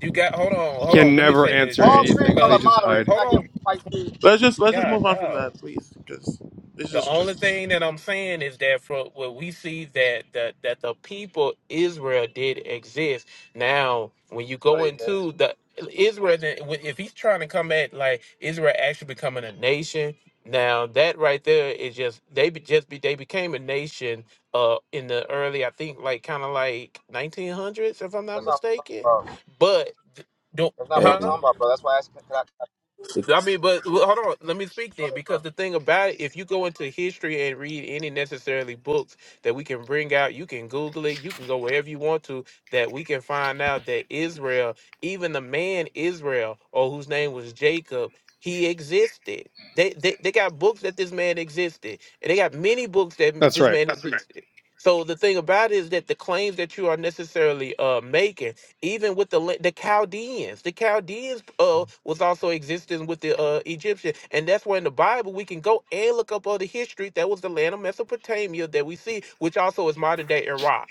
S4: you got hold on, hold
S2: Can
S4: on, let me
S2: never
S4: say this,
S2: answer
S3: All
S4: Joey.
S3: three of
S2: anything.
S3: y'all
S4: Because
S2: They
S3: are
S2: just hide.
S3: moderators.
S4: hold
S3: Can I get
S4: on,
S3: one mic, please?
S1: let's just, let's just
S4: God
S1: move on from
S4: dog.
S1: that, please, because this
S4: The
S1: is
S4: only
S1: just.
S4: thing that I'm saying is that for what we see that that that the people Israel did exist. Now, when you
S3: No,
S4: go
S3: they did.
S4: into the Israel, then- when- if he's trying to come at like Israel actually becoming a nation, now that right there is just they be, just be they became a nation uh in the early I think like kind of like 1900s if I'm not
S3: That's not what I'm
S4: mistaken,
S3: talking about.
S4: but don't
S3: That's not
S5: Hey,
S3: what I'm
S4: huh?
S3: talking about, bro. That's why I asked. Can I? Can I
S5: they,
S4: I mean, but well, hold on. Let me speak
S3: go
S4: then,
S3: ahead,
S4: because
S3: bro.
S4: the thing about it, if you go into history and read any necessarily books that we can bring out, you can Google it, you can go wherever you want to, that we can find out that Israel, even the man Israel, or whose name was Jacob, he existed. They they, they got books that this man existed, and they got many books that m-
S2: That's
S4: this
S2: right.
S4: man That's right. existed. So the thing about it is that the claims that you are necessarily uh, making even with the la- the Chaldeans. The Chaldeans uh, was also existing with the uh, Egyptian, and that's where in the Bible we can go and look up all the history. That was the land of Mesopotamia that we see, which also is modern day Iraq.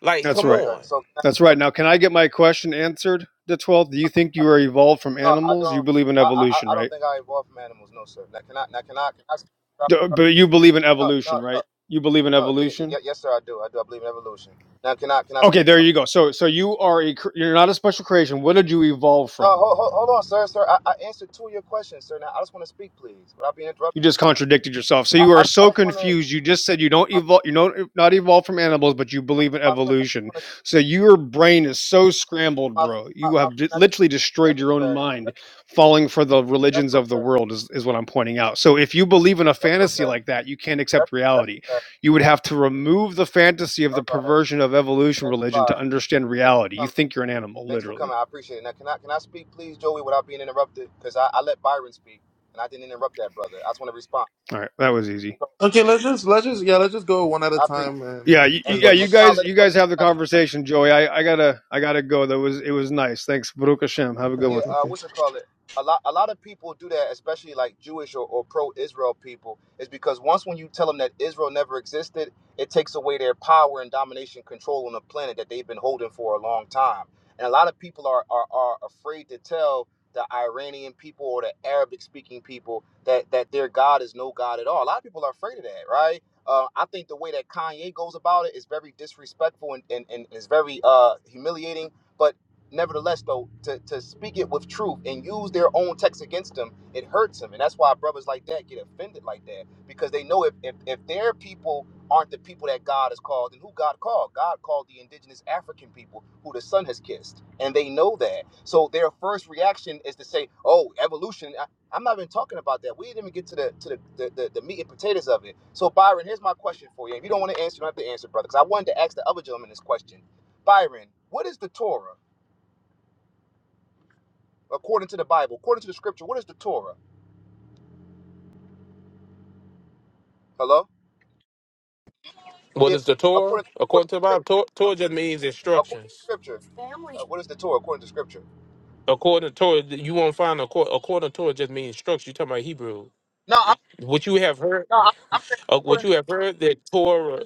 S4: Like,
S2: That's
S4: come
S2: right.
S3: Okay,
S4: on.
S3: so can
S2: That's right. Now, can I get my question answered? The twelfth. Do you think you are evolved from
S3: I, no, I
S2: animals? You
S3: don't.
S2: believe in
S3: I, I
S2: evolution,
S3: I I
S2: right?
S3: don't think I evolved from animals. No, sir. Now can I? Now can I? Can
S2: D-
S3: I?
S2: But you believe in
S3: No,
S2: evolution,
S3: no,
S2: right? You believe in
S3: No, y-
S2: evolution.
S3: y- yes, sir, I do. I do. I believe in evolution. Now, can I can I? Speak?
S2: Okay, there you go. So, so you are a cr- you're not a special creation. What did you evolve
S3: No,
S2: from?
S3: hold, hold, hold on, sir, sir. I, I answered two of your questions, sir. Now, I just want to speak, please, without being interrupted.
S2: You just contradicted yourself. So
S3: I,
S2: you are
S3: I, I
S2: so
S3: just want to,
S2: confused. You just said you don't
S3: my,
S2: evolve, you don't not evolve from animals, but you
S3: my,
S2: believe in
S3: my friend. I just
S2: evolution.
S3: want to,
S2: So your brain is so scrambled,
S3: my,
S2: bro.
S3: my,
S2: You
S3: my
S2: have d-
S3: friend. I just.
S2: literally
S3: That's
S2: destroyed your own mind, falling for the religions of the
S3: okay.
S2: world. Is, is what I'm pointing out. So if you believe in a
S3: That's okay.
S2: fantasy
S3: That's okay.
S2: like that, you can't accept
S3: That's that's
S2: reality.
S3: okay.
S2: You would have to remove the fantasy of the
S3: All right.
S2: perversion of evolution
S3: Thanks a
S2: religion to
S3: lot.
S2: understand
S3: Thanks for
S2: reality. You
S3: coming.
S2: think you're an animal,
S3: Thanks for
S2: literally.
S3: coming. I appreciate it. Now, can I can I speak, please, Joey, without being interrupted? Because I, I let Byron speak, and I didn't interrupt that brother. I just want to respond.
S2: All right, that was easy.
S3: So
S1: Okay, let's just, let's just, yeah, let's just go one at a
S3: I appreciate,
S1: time, and
S2: Yeah, you,
S3: it. and
S1: because
S3: then,
S2: yeah,
S1: like.
S2: you
S3: and then I'll
S2: guys,
S3: let it
S2: you guys have the
S3: go.
S2: conversation, Joey. I, I gotta, I gotta go. That was, it was nice. Thanks, Baruch Hashem. Have a
S1: All
S2: good one.
S1: right,
S3: yeah,
S1: thank
S3: uh,
S1: you.
S3: what you call it? A lot, a lot of people do that, especially like Jewish or, or pro-Israel people, is because once when you tell them that Israel never existed, it takes away their power and domination control on the planet that they've been holding for a long time. And a lot of people are are, are afraid to tell the Iranian people or the Arabic-speaking people that that their God is no God at all. A lot of people are afraid of that, right? Uh, I think the way that Kanye goes about it is very disrespectful and, and, and is very uh, humiliating. But Nevertheless, though, to, to speak it with truth and use their own text against them, it hurts them. And that's why brothers like that get offended like that because they know if, if, if their people aren't the people that God has called, and who God called? God called the indigenous African people who the sun has kissed. And they know that. So their first reaction is to say, oh, evolution. I, I'm not even talking about that. We didn't even get to the to the, the, the, the meat and potatoes of it. So Byron, here's my question for you. If you don't want to answer, you don't have to answer, brother, because I wanted to ask the other gentleman this question. Byron, what is the Torah? according to the Bible, according to the scripture. What is the Torah? Hello?
S4: What
S3: Yeah,
S4: is the Torah?
S3: according to, according
S4: According to
S3: to
S4: the Bible, Tor-
S3: scripture.
S4: Torah just means
S3: According to
S4: instructions.
S3: scripture. Uh, what is the Torah according to scripture?
S4: According to Torah, you won't find a cor- according to Torah just means instructions. You're talking about Hebrew.
S3: No, I'm,
S4: What you have heard,
S3: no, I'm,
S4: uh, what you have heard that Torah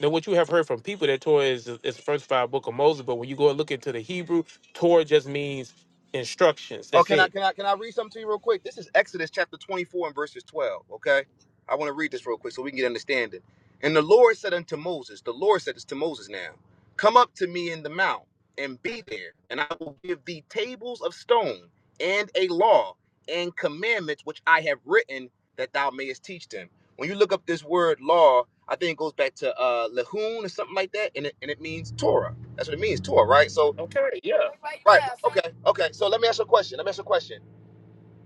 S4: than what you have heard from people that Torah is is the first five book of Moses. But when you go and look into the Hebrew, Torah just means instructions.
S3: Oh,
S4: That's
S3: can I
S4: it.
S3: can I can I read something to you real quick? This is Exodus chapter 24 and verses 12. Okay. I want to read this real quick so we can get understanding. And the Lord said unto Moses, the Lord said this to Moses now, come up to me in the mount and be there, and I will give thee tables of stone and a law and commandments which I have written that thou mayest teach them. When you look up this word law, I think it goes back to uh Lehun or something like that, and it and it means Torah. That's what it means, Torah, right? So
S4: Okay.
S3: right, okay, okay. So let me ask you a question. Let me ask you a question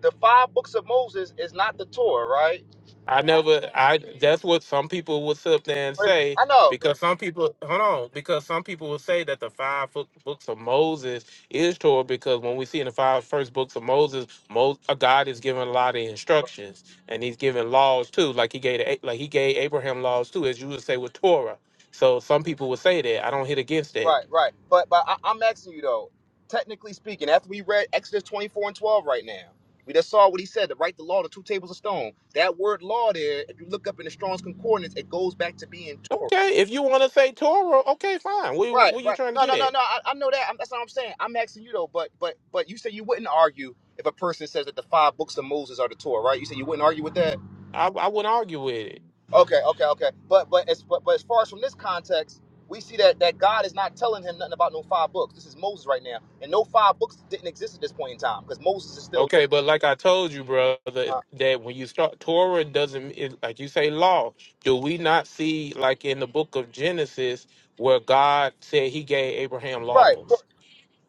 S3: the five books of Moses is not the Torah, right?
S4: I never I that's what some people will sit up there and
S3: But-
S4: say
S3: I know, but-
S4: because some people hold on because some people will say that the five book, books of Moses is Torah because when we see in the five first books of Moses, Mo, uh, God is giving a lot of instructions and he's giving laws too like he gave A- like he gave Abraham laws too as you would say with Torah. So some people would say that. I don't hit against that.
S3: right, right. But but I, I'm asking you though. Technically speaking, after we read Exodus 24 and 12 right now, we just saw what he said to write the law to two tables of stone. That word law there, if you look up in the Strong's Concordance, it goes back to being Torah.
S4: Okay, if you want to say Torah, okay, fine. What, what
S3: Right,
S4: what you
S3: right.
S4: trying to
S3: No,
S4: get
S3: no, no,
S4: at?
S3: no. I, I know that. I'm, that's not what I'm saying. I'm asking you though. But but but you said you wouldn't argue if a person says that the five books of Moses are the Torah, right? You said you wouldn't argue with that.
S4: I, I wouldn't argue with it.
S3: Okay, okay, okay. But but as but, but as far as from this context, we see that that God is not telling him nothing about no five books. This is Moses right now, and no five books didn't exist at this point in time because Moses is still living.
S4: Okay, but like I told you, brother,
S3: Uh,
S4: that when you start Torah doesn't it, like you say law. Do we not see like in the book of Genesis where God said He gave Abraham
S3: right, of course.
S4: laws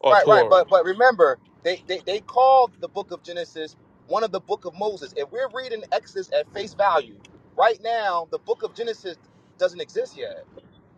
S4: or
S3: right, right.
S4: Torah?
S3: But but remember, they, they they called the book of Genesis one of the book of Moses. If we're reading Exodus at face value, right now the book of Genesis doesn't exist yet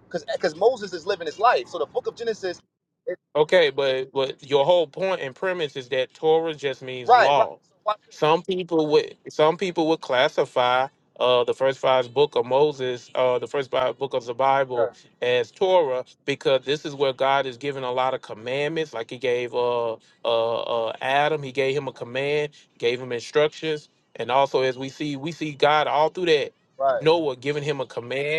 S3: because because Moses is living his life. So the book of Genesis, it, it,
S4: Okay, but but your whole point and premise is that Torah just means
S3: right, right.
S4: law.
S3: So watch this.
S4: Some people would some people would classify uh, the first five book of Moses, uh, the first five book of the Bible
S3: Okay,
S4: as Torah because this is where God is giving a lot of commandments. Like He gave uh, uh, uh, Adam, He gave him a command, gave him instructions, and also as we see, we see God all through that.
S3: right.
S4: Noah giving him a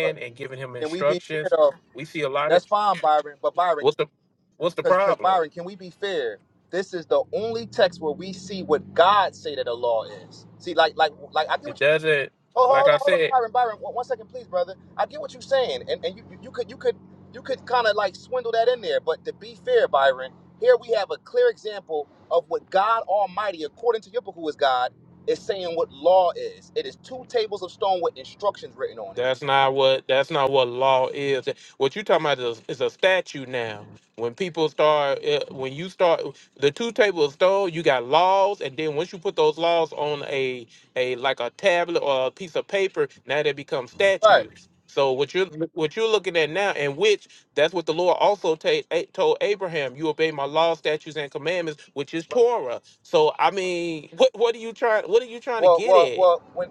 S3: right.
S4: and giving him
S3: Can we be fair
S4: instructions.
S3: though?
S4: We see a lot of
S3: That's fine, Byron. But Byron,
S4: what's the what's the
S3: because because
S4: problem?
S3: Byron, can we be fair? This is the only text where we see what God say that the law is. See, like like like I get
S4: It
S3: what you.
S4: doesn't.
S3: Hold,
S4: Like
S3: hold, hold
S4: I
S3: on, hold on,
S4: said,
S3: Byron, Byron. One one second, please, brother. I get what you're saying, and and you you you could you could you could kind of like swindle that in there. But to be fair, Byron, here we have a clear example of what God Almighty, according to Yippah, who is God, is saying what law is. It is two tables of stone with instructions written on it.
S4: that's not what that's not what law is. What you talking about is, is a statute now. When people start, eh, when you start the two table of stone, you got laws, and then once you put those laws on a a like a tablet or a piece of paper, now they become
S3: Right.
S4: statutes. So what you're what you're looking at now, and which that's what the Lord also ta- eh, told Abraham, you obey my law, statutes, and commandments, which is
S3: Right.
S4: Torah. So I mean, what what are you trying? What are you trying to
S3: Well,
S4: get
S3: well,
S4: at?
S3: well. When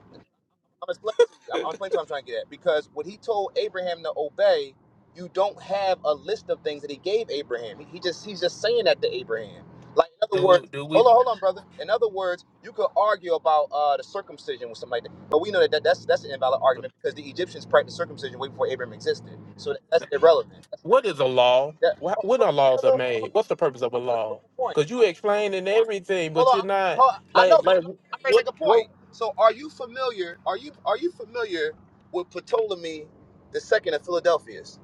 S3: I'm explaining to you. I'm, I'm explaining to you what I'm trying to get at. Because what he told Abraham to obey, you don't have a list of things that he gave Abraham. He, he just he's just saying that to Abraham. Like in other words,
S4: Do do we?
S3: hold on, hold on, brother. In other words, you could argue about uh, the circumcision with something like that, but we know that, that that's that's an invalid argument because the Egyptians practiced circumcision way before Abraham existed. So that, that's irrelevant. That's,
S4: What is a law?
S3: that,
S4: Wha-
S3: oh,
S4: When
S3: hold
S4: are
S3: on,
S4: laws are
S3: brother. Hold
S4: made? What's the
S3: on, brother.
S4: purpose of a
S3: I'm trying to prove
S4: law?
S3: the point.
S4: Because you explaining everything, but
S3: Hold
S4: you're
S3: on,
S4: not
S3: hold on. I know
S4: like
S3: because
S4: like
S3: I'm ready to
S4: what
S3: make a
S4: what?
S3: point. So, are you familiar? Are you are you familiar with Ptolemy the second of Philadelphia's?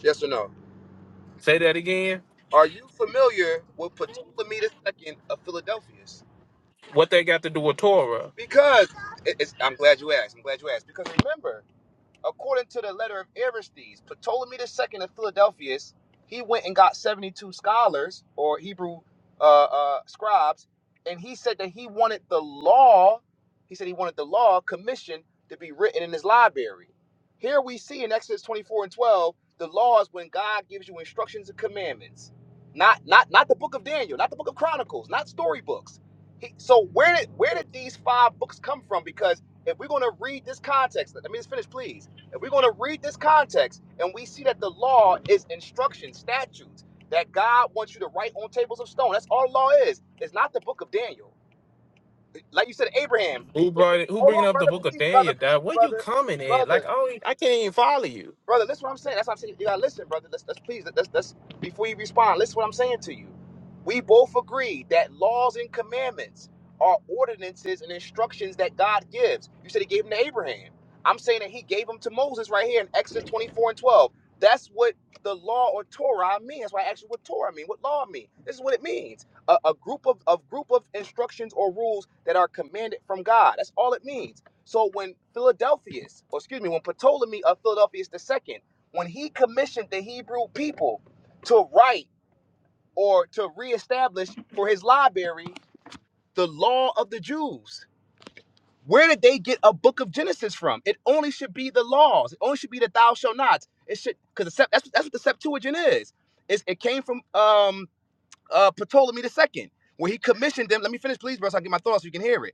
S3: Yes or no?
S4: Say that again.
S3: Are you familiar with Ptolemy the second of Philadelphia's?
S4: What they got to do with Torah?
S3: Because it- it's, I'm glad you asked. I'm glad you asked. Because remember, According to the letter of Aristes, Ptolemy the Second of Philadelphus, he went and got 72 scholars or Hebrew uh, uh, scribes, and he said that he wanted the law, he said he wanted the law commission to be written in his library. Here we see in Exodus 24 and 12, the law is when God gives you instructions and commandments. Not not not the book of Daniel, not the book of Chronicles, not storybooks. He, so where did where did these five books come from? Because if we're going to read this context, let me just finish, please and we're going to read this context and we see that the law is instruction, statutes that God wants you to write on tables of stone. That's all law is. It's not the book of Daniel. Like you said, Abraham.
S4: Who brought it? Who
S3: Hold
S4: bringing
S3: on,
S4: up the
S3: brother.
S4: book of
S3: Please, brother.
S4: Daniel?
S3: Please,
S4: Dad, where you
S3: brother.
S4: coming at?
S3: Brother
S4: Like oh, I can't even follow you.
S3: brother. That's what I'm saying. That's what I'm saying. You gotta listen, brother. Let's, let's please let's, let's before you respond. Listen, what I'm saying to you. We both agree that laws and commandments are ordinances and instructions that God gives. You said He gave them to Abraham. I'm saying that He gave them to Moses right here in Exodus 24 and 12. That's what the law or Torah means. That's why I asked you what Torah mean, what law mean. This is what it means: a, a group of, of group of instructions or rules that are commanded from God. That's all it means. So when Philadelphus, or excuse me, when Ptolemy of Philadelphus II, when he commissioned the Hebrew people to write or to reestablish for his library the law of the Jews, where did they get a book of Genesis from? It only should be the laws. It only should be the thou shall nots. It should because that's that's what the Septuagint is. It's, it came from um uh Ptolemy II, where he commissioned them. Let me finish, please, bro, so I can get my thoughts so you can hear it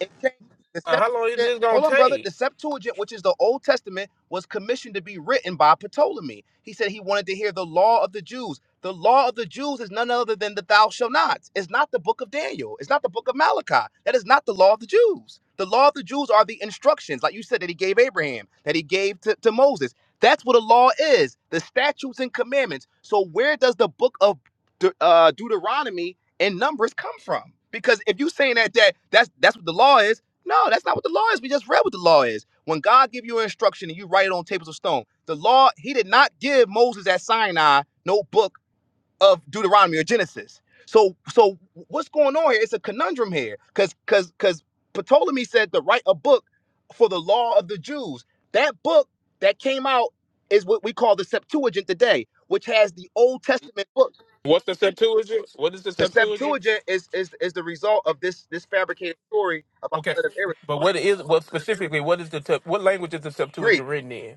S3: it came, the
S4: Uh, how long is
S3: Septuagint,
S4: this gonna
S3: hold on, brother.
S4: take?
S3: The Septuagint, which is the Old Testament, was commissioned to be written by Ptolemy. He said he wanted to hear the law of the Jews. The law of the Jews is none other than the thou shall Nots. It's not the book of Daniel. It's not the book of Malachi. That is not the law of the Jews. The law of the Jews are the instructions, like you said, that he gave Abraham, that he gave to, to Moses. That's what a law is the statutes and commandments. So, where does the book of De- uh, Deuteronomy and numbers come from. Because if you saying that that that's that's what the law is, no, that's not what the law is. We just read what the law is. When God give you an instruction and you write it on tables of stone, the law He did not give Moses at Sinai no book of Deuteronomy or Genesis. So so what's going on here? It's a conundrum here, because because because Ptolemy said to write a book for the law of the Jews. That book that came out is what we call the Septuagint today, which has the Old Testament book
S4: What's the Septuagint? What is the
S3: the
S4: Septuagint?
S3: Septuagint is is is the result of this this fabricated story about
S4: Okay,
S3: the blood of Aaron.
S4: but what is what specifically? What is the Sep- what language is the Septuagint
S3: Greek.
S4: written in?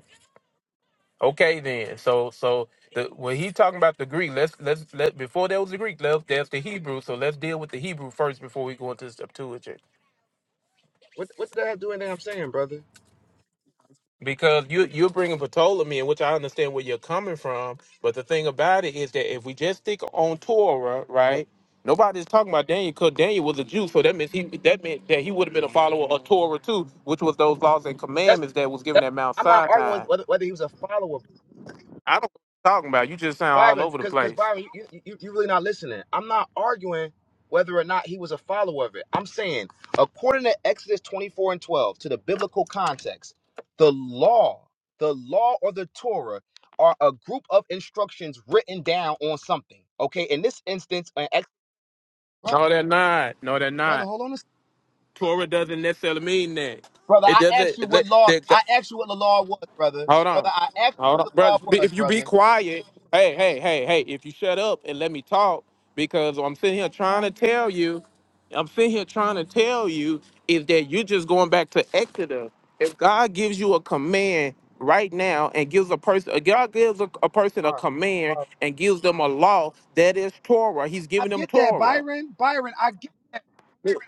S4: Okay, then. So, so the, when he's talking about the Greek, let's let's let before there was the Greek, left there's the Hebrew. So let's deal with the Hebrew first before we go into the Septuagint,
S3: What what did that have to do with anything I'm saying, brother?
S4: because you you're bringing Ptolemy, in which I understand where you're coming from. But the thing about it is that if we just stick on Torah,
S3: Uh,
S4: right? Nobody's talking about Daniel because Daniel was a Jew, so that means he that meant that he would have been a follower of Torah too, which was those laws and
S3: that's
S4: commandments that was given
S3: that's.
S4: at Mount
S3: I'm not arguing with
S4: Sinai.
S3: whether whether he was a follower,
S4: I don't know what you're talking about. You just sound all
S3: Byron,
S4: over the
S3: because because
S4: place.
S3: Byron, you you you you really not listening. I'm not arguing whether or not he was a follower of it. I'm saying according to Exodus 24 and 12 to the biblical context, the law, the law or the Torah are a group of instructions written down on something. Okay, in this instance, an Exodus.
S4: No, they're not. No, they're
S3: Brother,
S4: not.
S3: hold on a second.
S4: Torah doesn't necessarily mean that.
S3: Brother,
S4: It
S3: I
S4: doesn't.
S3: asked you
S4: it
S3: what
S4: let-
S3: law,
S4: That, that-
S3: I asked you what the law was, brother.
S4: hold
S3: Brother,
S4: on,
S3: I asked you
S4: hold
S3: what
S4: on,
S3: the law
S4: brothers. be-
S3: was,
S4: If you be
S3: brother.
S4: quiet, hey, hey, hey, hey. If you shut up and let me talk, because I'm sitting here trying to tell you, I'm sitting here trying to tell you is that you're just going back to Exodus. If God gives you a command right now and gives a person, if God gives a, a person
S3: All
S4: a
S3: right. All
S4: command
S3: right.
S4: and gives them a law that is Torah. He's
S3: I
S4: giving them
S3: get that,
S4: Torah.
S3: Byron. Byron, I get that.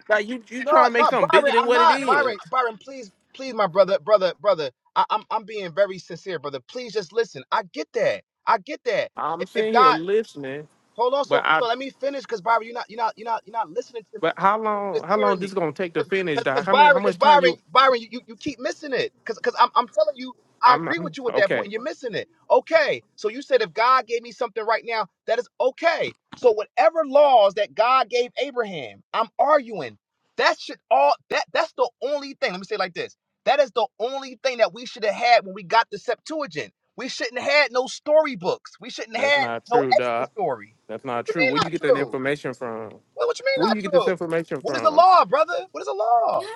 S4: Like you, you
S3: No,
S4: trying to make
S3: no,
S4: something bigger
S3: Byron,
S4: than
S3: I'm
S4: what it
S3: not.
S4: is.
S3: Byron, Byron, please, please, my brother, brother, brother. I, I'm I'm being very sincere, brother. Please just listen. I get that. I get that.
S4: I'm
S3: If, if
S4: sitting here
S3: God
S4: listening,
S3: hold on,
S4: but
S3: so
S4: I
S3: so let me finish because Byron, you're not you're not you're not you're not listening to me.
S4: but how long
S3: Just
S4: how long
S3: hearing me.
S4: this gonna take to finish, Doc?
S3: Because
S4: How many
S3: Byron,
S4: how
S3: because
S4: much time
S3: Byron,
S4: you
S3: Byron, you, you, you keep missing it. Because I'm, I'm telling you, I
S4: I'm,
S3: agree
S4: I'm
S3: with you at that point,
S4: okay.
S3: and you're missing it. Okay. So you said if God gave me something right now, that is okay. So whatever laws that God gave Abraham, I'm arguing that should all that that's the only thing. Let me say it like this. That is the only thing that we should have had when we got the Septuagint. We shouldn't have had no storybooks. We shouldn't have
S4: That's
S3: had
S4: not
S3: no
S4: true,
S3: Exodus
S4: Doc.
S3: story.
S4: That's
S3: What
S4: not
S3: you
S4: true.
S3: mean
S4: Where you
S3: not
S4: get that
S3: true?
S4: information from?
S3: Well, what you mean
S4: Where
S3: not
S4: you get this
S3: true?
S4: information
S3: What is the
S4: from?
S3: law, brother? What is the law?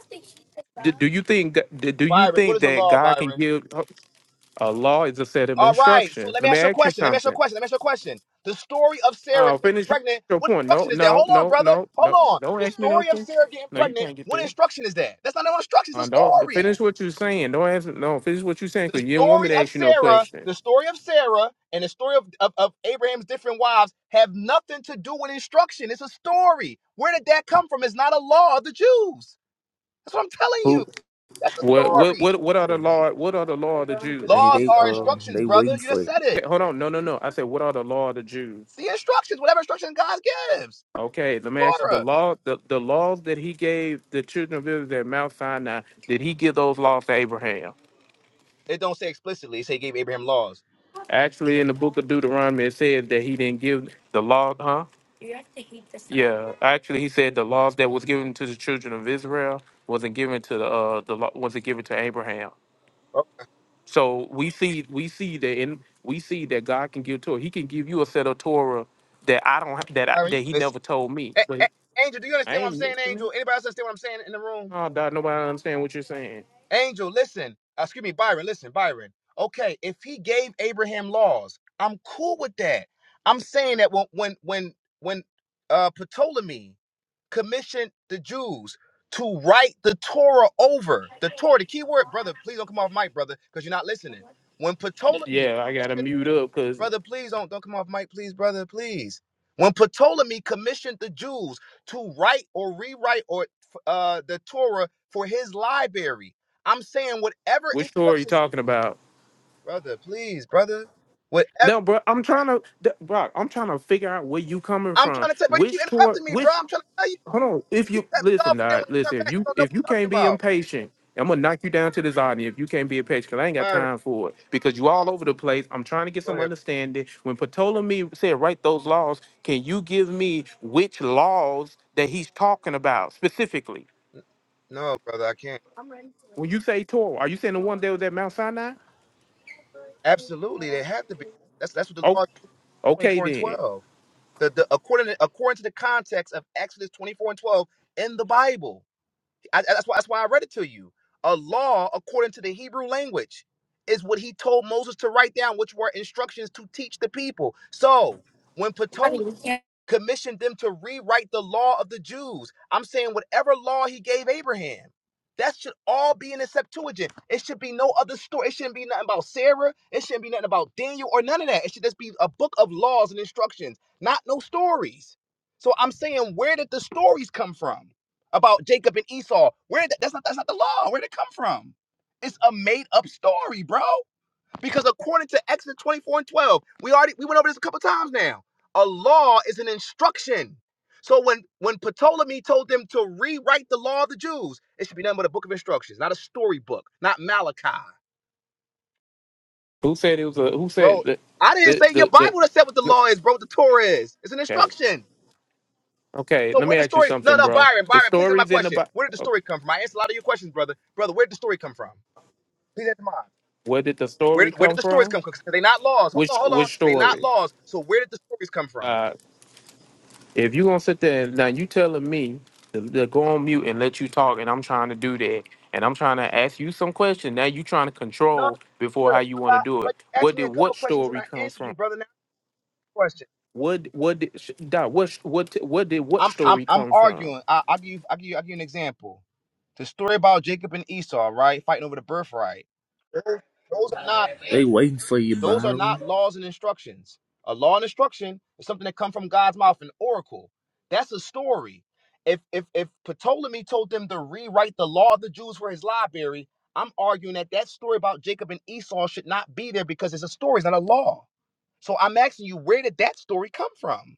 S4: Do, do you think that- do, do you
S3: Byron, what
S4: think
S3: is the
S4: that
S3: law,
S4: God can
S3: Byron?
S4: give oh, a law is a set of
S3: All right, so
S4: instructions?
S3: let me
S4: Let me
S3: ask you a
S4: ask you
S3: question. Let me ask you a
S4: something.
S3: question. Let me ask you a question. The story of Sarah
S4: Oh,
S3: getting
S4: finish
S3: pregnant,
S4: your
S3: what
S4: point. No,
S3: instruction is that?
S4: no,
S3: Hold on,
S4: no,
S3: brother.
S4: no,
S3: Hold
S4: no.
S3: on.
S4: Don't
S3: The
S4: ask me no
S3: story of
S4: thing.
S3: Sarah getting
S4: No, you
S3: pregnant,
S4: can't get
S3: what
S4: there.
S3: instruction is that? That's not no instruction, it's a
S4: Uh, don't
S3: story.
S4: finish what you're saying. Don't answer. No, finish what you're saying
S3: The
S4: because you didn't want me
S3: story
S4: to
S3: of
S4: ask you no
S3: Sarah,
S4: question.
S3: the story of Sarah, and the story of, of, of Abraham's different wives have nothing to do with instruction. It's a story. Where did that come from? It's not a law of the Jews. That's what I'm telling
S4: Who?
S3: you. That's a
S4: What? What?
S3: story.
S4: What? What are the
S5: hey,
S4: law? What are the law of the
S5: hey,
S4: Jews?
S3: Laws
S5: they
S3: are
S5: um,
S3: instructions,
S5: they waiting
S3: brother. You
S5: for
S3: just
S5: you.
S3: said it.
S4: Okay, hold on. No, no, no. I said, what are the law of the Jews?
S3: The instructions, whatever instruction God gives.
S4: Okay, let me ask you, the
S3: order.
S4: law. The, the laws that he gave the children of Israel at Mount Sinai. Did he give those laws to Abraham?
S3: It don't say explicitly. It say he gave Abraham laws.
S4: Actually, in the book of Deuteronomy, it says that he didn't give the law. Huh? Yeah, actually, he said the laws that was given to the children of Israel wasn't given to the uh the law wasn't given to Abraham.
S3: Oh,
S4: So we see we see that in we see that God can give Torah. He can give you a set of Torah that I don't ha- that I,
S3: Byron, you
S4: that He
S3: listen.
S4: never told me.
S3: A-
S4: But
S3: A- Angel, do you
S4: I
S3: understand what
S4: ain't
S3: I'm saying,
S4: missing it.
S3: Angel? Anybody else understand what I'm saying in the room?
S4: Oh, dog, nobody understand what you're saying.
S3: Angel, listen. Uh, excuse me, Byron, listen, Byron. Okay, if he gave Abraham laws, I'm cool with that. I'm saying that when when when when uh Ptolemy commissioned the Jews to write the Torah over. The Torah, the key word, brother, please don't come off mic, brother, because you're not listening. When Ptolemy,
S4: Yeah, I gotta
S3: commissioned-
S4: mute up because
S3: brother, please don't, don't come off mic, please, brother, please. When Ptolemy commissioned the Jews to write or rewrite or uh, the Torah for his library, I'm saying whatever
S4: which Torah are you
S3: instructions,
S4: talking about?
S3: brother, please, brother, whatever.
S4: No, bro, I'm trying to, th- Brock. I'm trying to figure out where you coming
S3: I'm
S4: from.
S3: trying to tell, bro, you keep
S4: Which Torah?
S3: interrupting me, bro.
S4: Which
S3: I'm trying to tell you,
S4: hold on.
S3: you
S4: If
S3: keep
S4: you
S3: cutting me
S4: listen,
S3: off, and then
S4: Doc,
S3: when you come
S4: listen. If
S3: back, you
S4: you
S3: don't know
S4: if you
S3: what I'm talking
S4: can't be
S3: about.
S4: impatient, I'm gonna knock you down to the audience. If you can't be impatient, because I ain't got
S3: Byron,
S4: time for it. Because you all over the place. I'm trying to get
S3: go
S4: some
S3: ahead.
S4: understanding. When Ptolemy said write those laws, can you give me which laws that he's talking about specifically?
S3: No, brother, I can't.
S4: When you say Torah, are you saying the one that was at Mount Sinai?
S3: Absolutely, they have to be. That's that's what the
S4: Oh,
S3: law is,
S4: okay
S3: 24 and
S4: then.
S3: 12. The, the according to, according to the context of Exodus 24 and 12 in the Bible. I, I- that's why that's why I read it to you. A law according to the Hebrew language is what he told Moses to write down, which were instructions to teach the people. So when commissioned them to rewrite the law of the Jews. I'm saying whatever law he gave Abraham, that should all be in the Septuagint. It should be no other story. It shouldn't be nothing about Sarah. It shouldn't be nothing about Daniel or none of that. It should just be a book of laws and instructions, not no stories. So I'm saying, where did the stories come from about Jacob and Esau? Where did- that's not that's not the law. Where did it come from? It's a made up story, bro. Because according to Exodus 24 and 12, we already we went over this a couple times now. A law is an instruction. So when when Ptolemy told them to rewrite the law of the Jews, it should be nothing but a book of instructions, not a storybook, not Malachi.
S4: Who said it was a? Who said
S3: Bro,
S4: the
S3: I didn't
S4: the
S3: say your
S4: the, the
S3: Bible that said what the
S4: the
S3: law is, bro, what the Torah is. It's an
S4: Okay.
S3: instruction.
S4: Okay.
S3: So
S4: Let
S3: where
S4: me
S3: the
S4: ask you
S3: story? No,
S4: something,
S3: no,
S4: bruh.
S3: Byron,
S4: The
S3: Byron, please answer my
S4: stories in the
S3: question. Where did the
S4: Bible.
S3: story come from? I answered a lot of your questions, brother. Brother, where did the story come from? Please answer mine.
S4: Where did the
S3: Where
S4: story
S3: did where
S4: come
S3: did the stories
S4: from?
S3: come from? Because they're not laws. Hold
S4: Which
S3: on, hold on.
S4: which
S3: They're not
S4: story?
S3: laws. So where did the stories come from?
S4: Uh, if you gonna sit there and now you telling me to, to go on mute and let you talk, and I'm trying to do that, and I'm trying to ask you some question. Now you trying to
S3: No,
S4: control before how
S3: sir.
S4: you want to
S3: I-
S4: do it.
S3: but you asked
S4: What
S3: me
S4: did
S3: a couple
S4: what
S3: questions and
S4: story
S3: I
S4: come
S3: answered
S4: from?
S3: you, brother. Now question.
S4: What what did sh- Doc, what what what did what
S3: I'm I'm
S4: story
S3: I'm
S4: come from?
S3: arguing. I, I'll give you I'll give you I'll give you an example. The story about Jacob and Esau, right? Fighting over the birthright. Those, those are not
S5: They waiting for you,
S3: Those are not
S5: Byron.
S3: laws and instructions. A law and instruction is something that comes from God's mouth, an oracle. That's a story. If if if Ptolemy told them to rewrite the law of the Jews for his library, I'm arguing that that story about Jacob and Esau should not be there because it's a story, it's not a law. So I'm asking you, where did that story come from?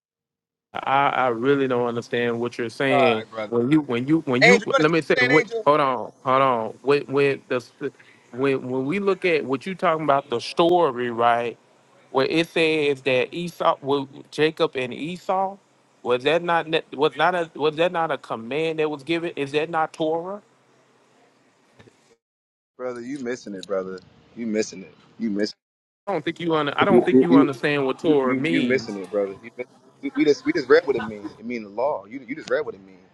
S4: I, I really don't understand what you're
S3: All
S4: saying.
S3: right, brother.
S4: When you when you when you
S3: Angel, you
S4: let
S3: understand
S4: me say
S3: what I'm saying,
S4: what
S3: Angel?
S4: hold on, hold on. When when the when when we look at what you talking about the story, right? Where it says that Esau well, Jacob and Esau, was that not ne- was not a was that not a command that was given? Is that not Torah?
S3: Brother, you missing it, brother. You missing it. You missing
S4: I don't think you under, I don't think you
S3: it.
S4: understand what
S3: You
S4: Torah
S3: you you
S4: means.
S3: missing it, brother. You miss, we, we just we just read what it mean. It mean the law. You you just read what it mean.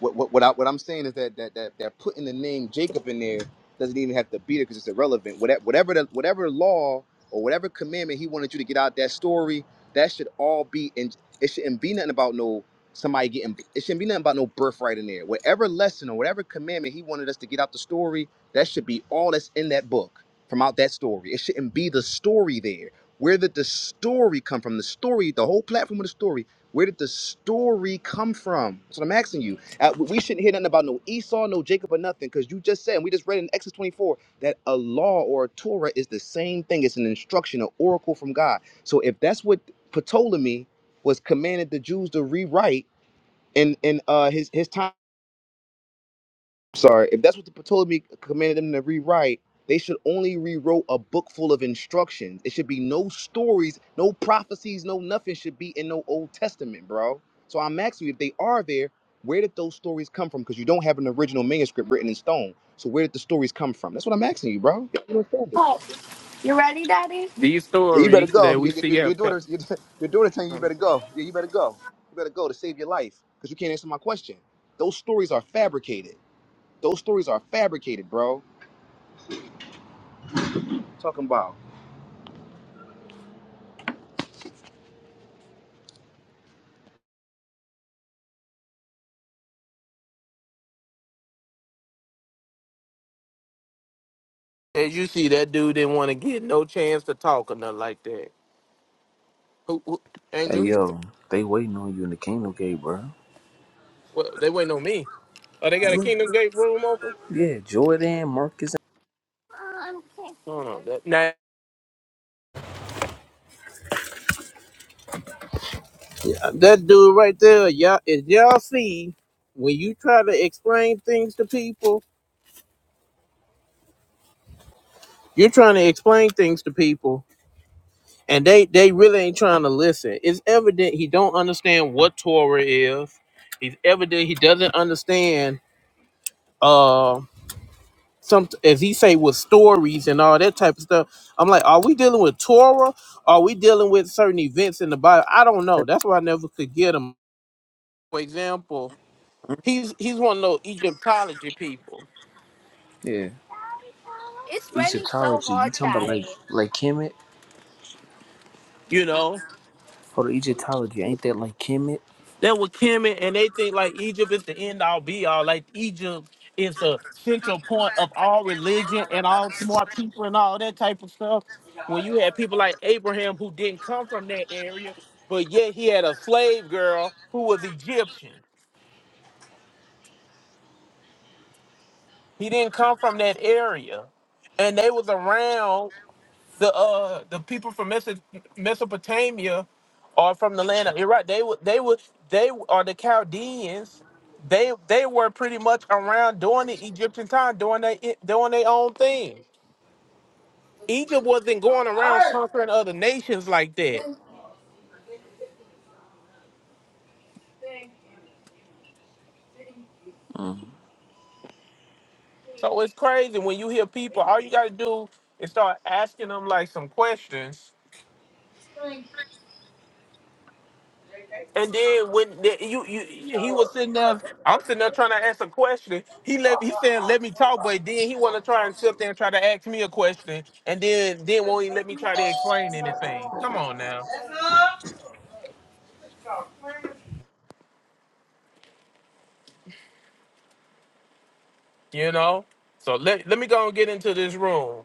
S3: What what what, I, what I'm saying is that that that that putting the name Jacob in there doesn't even have to be there because it's irrelevant. Whatever whatever the, whatever law or whatever commandment he wanted you to get out that story, that should all be in. It shouldn't be nothing about no somebody getting. It shouldn't be nothing about no birthright in there. Whatever lesson or whatever commandment he wanted us to get out the story, that should be all that's in that book from out that story. It shouldn't be the story there. Where did the story come from? The story, the whole platform of the story. Where did the story come from? That's what I'm asking you. Uh, we shouldn't hear nothing about no Esau, no Jacob, or nothing, because you just said, and we just read in Exodus 24 that a law or a Torah is the same thing. It's an instruction, an oracle from God. So if that's what Ptolemy was commanded the Jews to rewrite in in uh, his his time sorry, if that's what the Ptolemy commanded them to rewrite, they should only rewrote a book full of instructions. It should be no stories, no prophecies, no nothing should be in no Old Testament, bro. So I'm asking you, if they are there, where did those stories come from? Because you don't have an original manuscript written in stone. So where did the stories come from? That's what I'm asking you, bro. You don't understand it.
S4: These
S3: Yeah, you better
S4: stories
S3: go.
S4: that we
S3: Your,
S4: see
S3: your,
S4: have
S3: your daughter's your, your daughter telling you you better go. Yeah, you better go. You better go to save your life because you can't answer my question. Those stories are fabricated. Those stories are fabricated, bro. Talking about
S4: as you see that dude didn't want to get no chance to talk or nothing like that. Who, who,
S5: Hey,
S4: Angel, who you?
S5: yo, they waiting on you in the Kingdom Gate, bro.
S4: Well, they waiting on me. Oh, they got a
S5: Look,
S4: Kingdom Gate room open.
S5: yeah, Jordan, Marcus,
S4: No, no, that, nah. Uh, That dude right there, y'all, if y'all see, when you try to explain things to people, you're trying to explain things to people, and they they really ain't trying to listen. It's evident he don't understand what Torah is. It's evident he doesn't understand. uh, some as he say with stories and all that type of stuff. I'm like, are we dealing with Torah? Are we dealing with certain events in the Bible? I don't know. That's why I never could get him. For example, he's he's one of those Egyptology people,
S5: yeah. Egyptology, you talking about like like Kemet?
S4: you know.
S5: Hold on, Egyptology, ain't that like Kemet?
S4: They were Kemet and they think like Egypt is the end all be all, like Egypt is the central point of all religion and all smart people and all that type of stuff. When you had people like Abraham who didn't come from that area, but yet he had a slave girl who was Egyptian. He didn't come from that area, and they was around the uh the people from Meso- Mesopotamia, or from the land of Iraq. They were they were they are the Chaldeans. They they were pretty much around during the Egyptian time, doing they doing their own thing. Egypt wasn't going around conquering other nations like that.
S5: Mm.
S4: So it's crazy when you hear people. All you got to do is start asking them like some questions And then when the, you you he was sitting there, I'm sitting there trying to ask a question. He let he said let me talk, but then he want to try and sit there and try to ask me a question, and then then won't even let me try to explain anything. Come on now, you know. So let let me go and get into this room.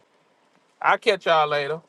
S4: I'll catch y'all later.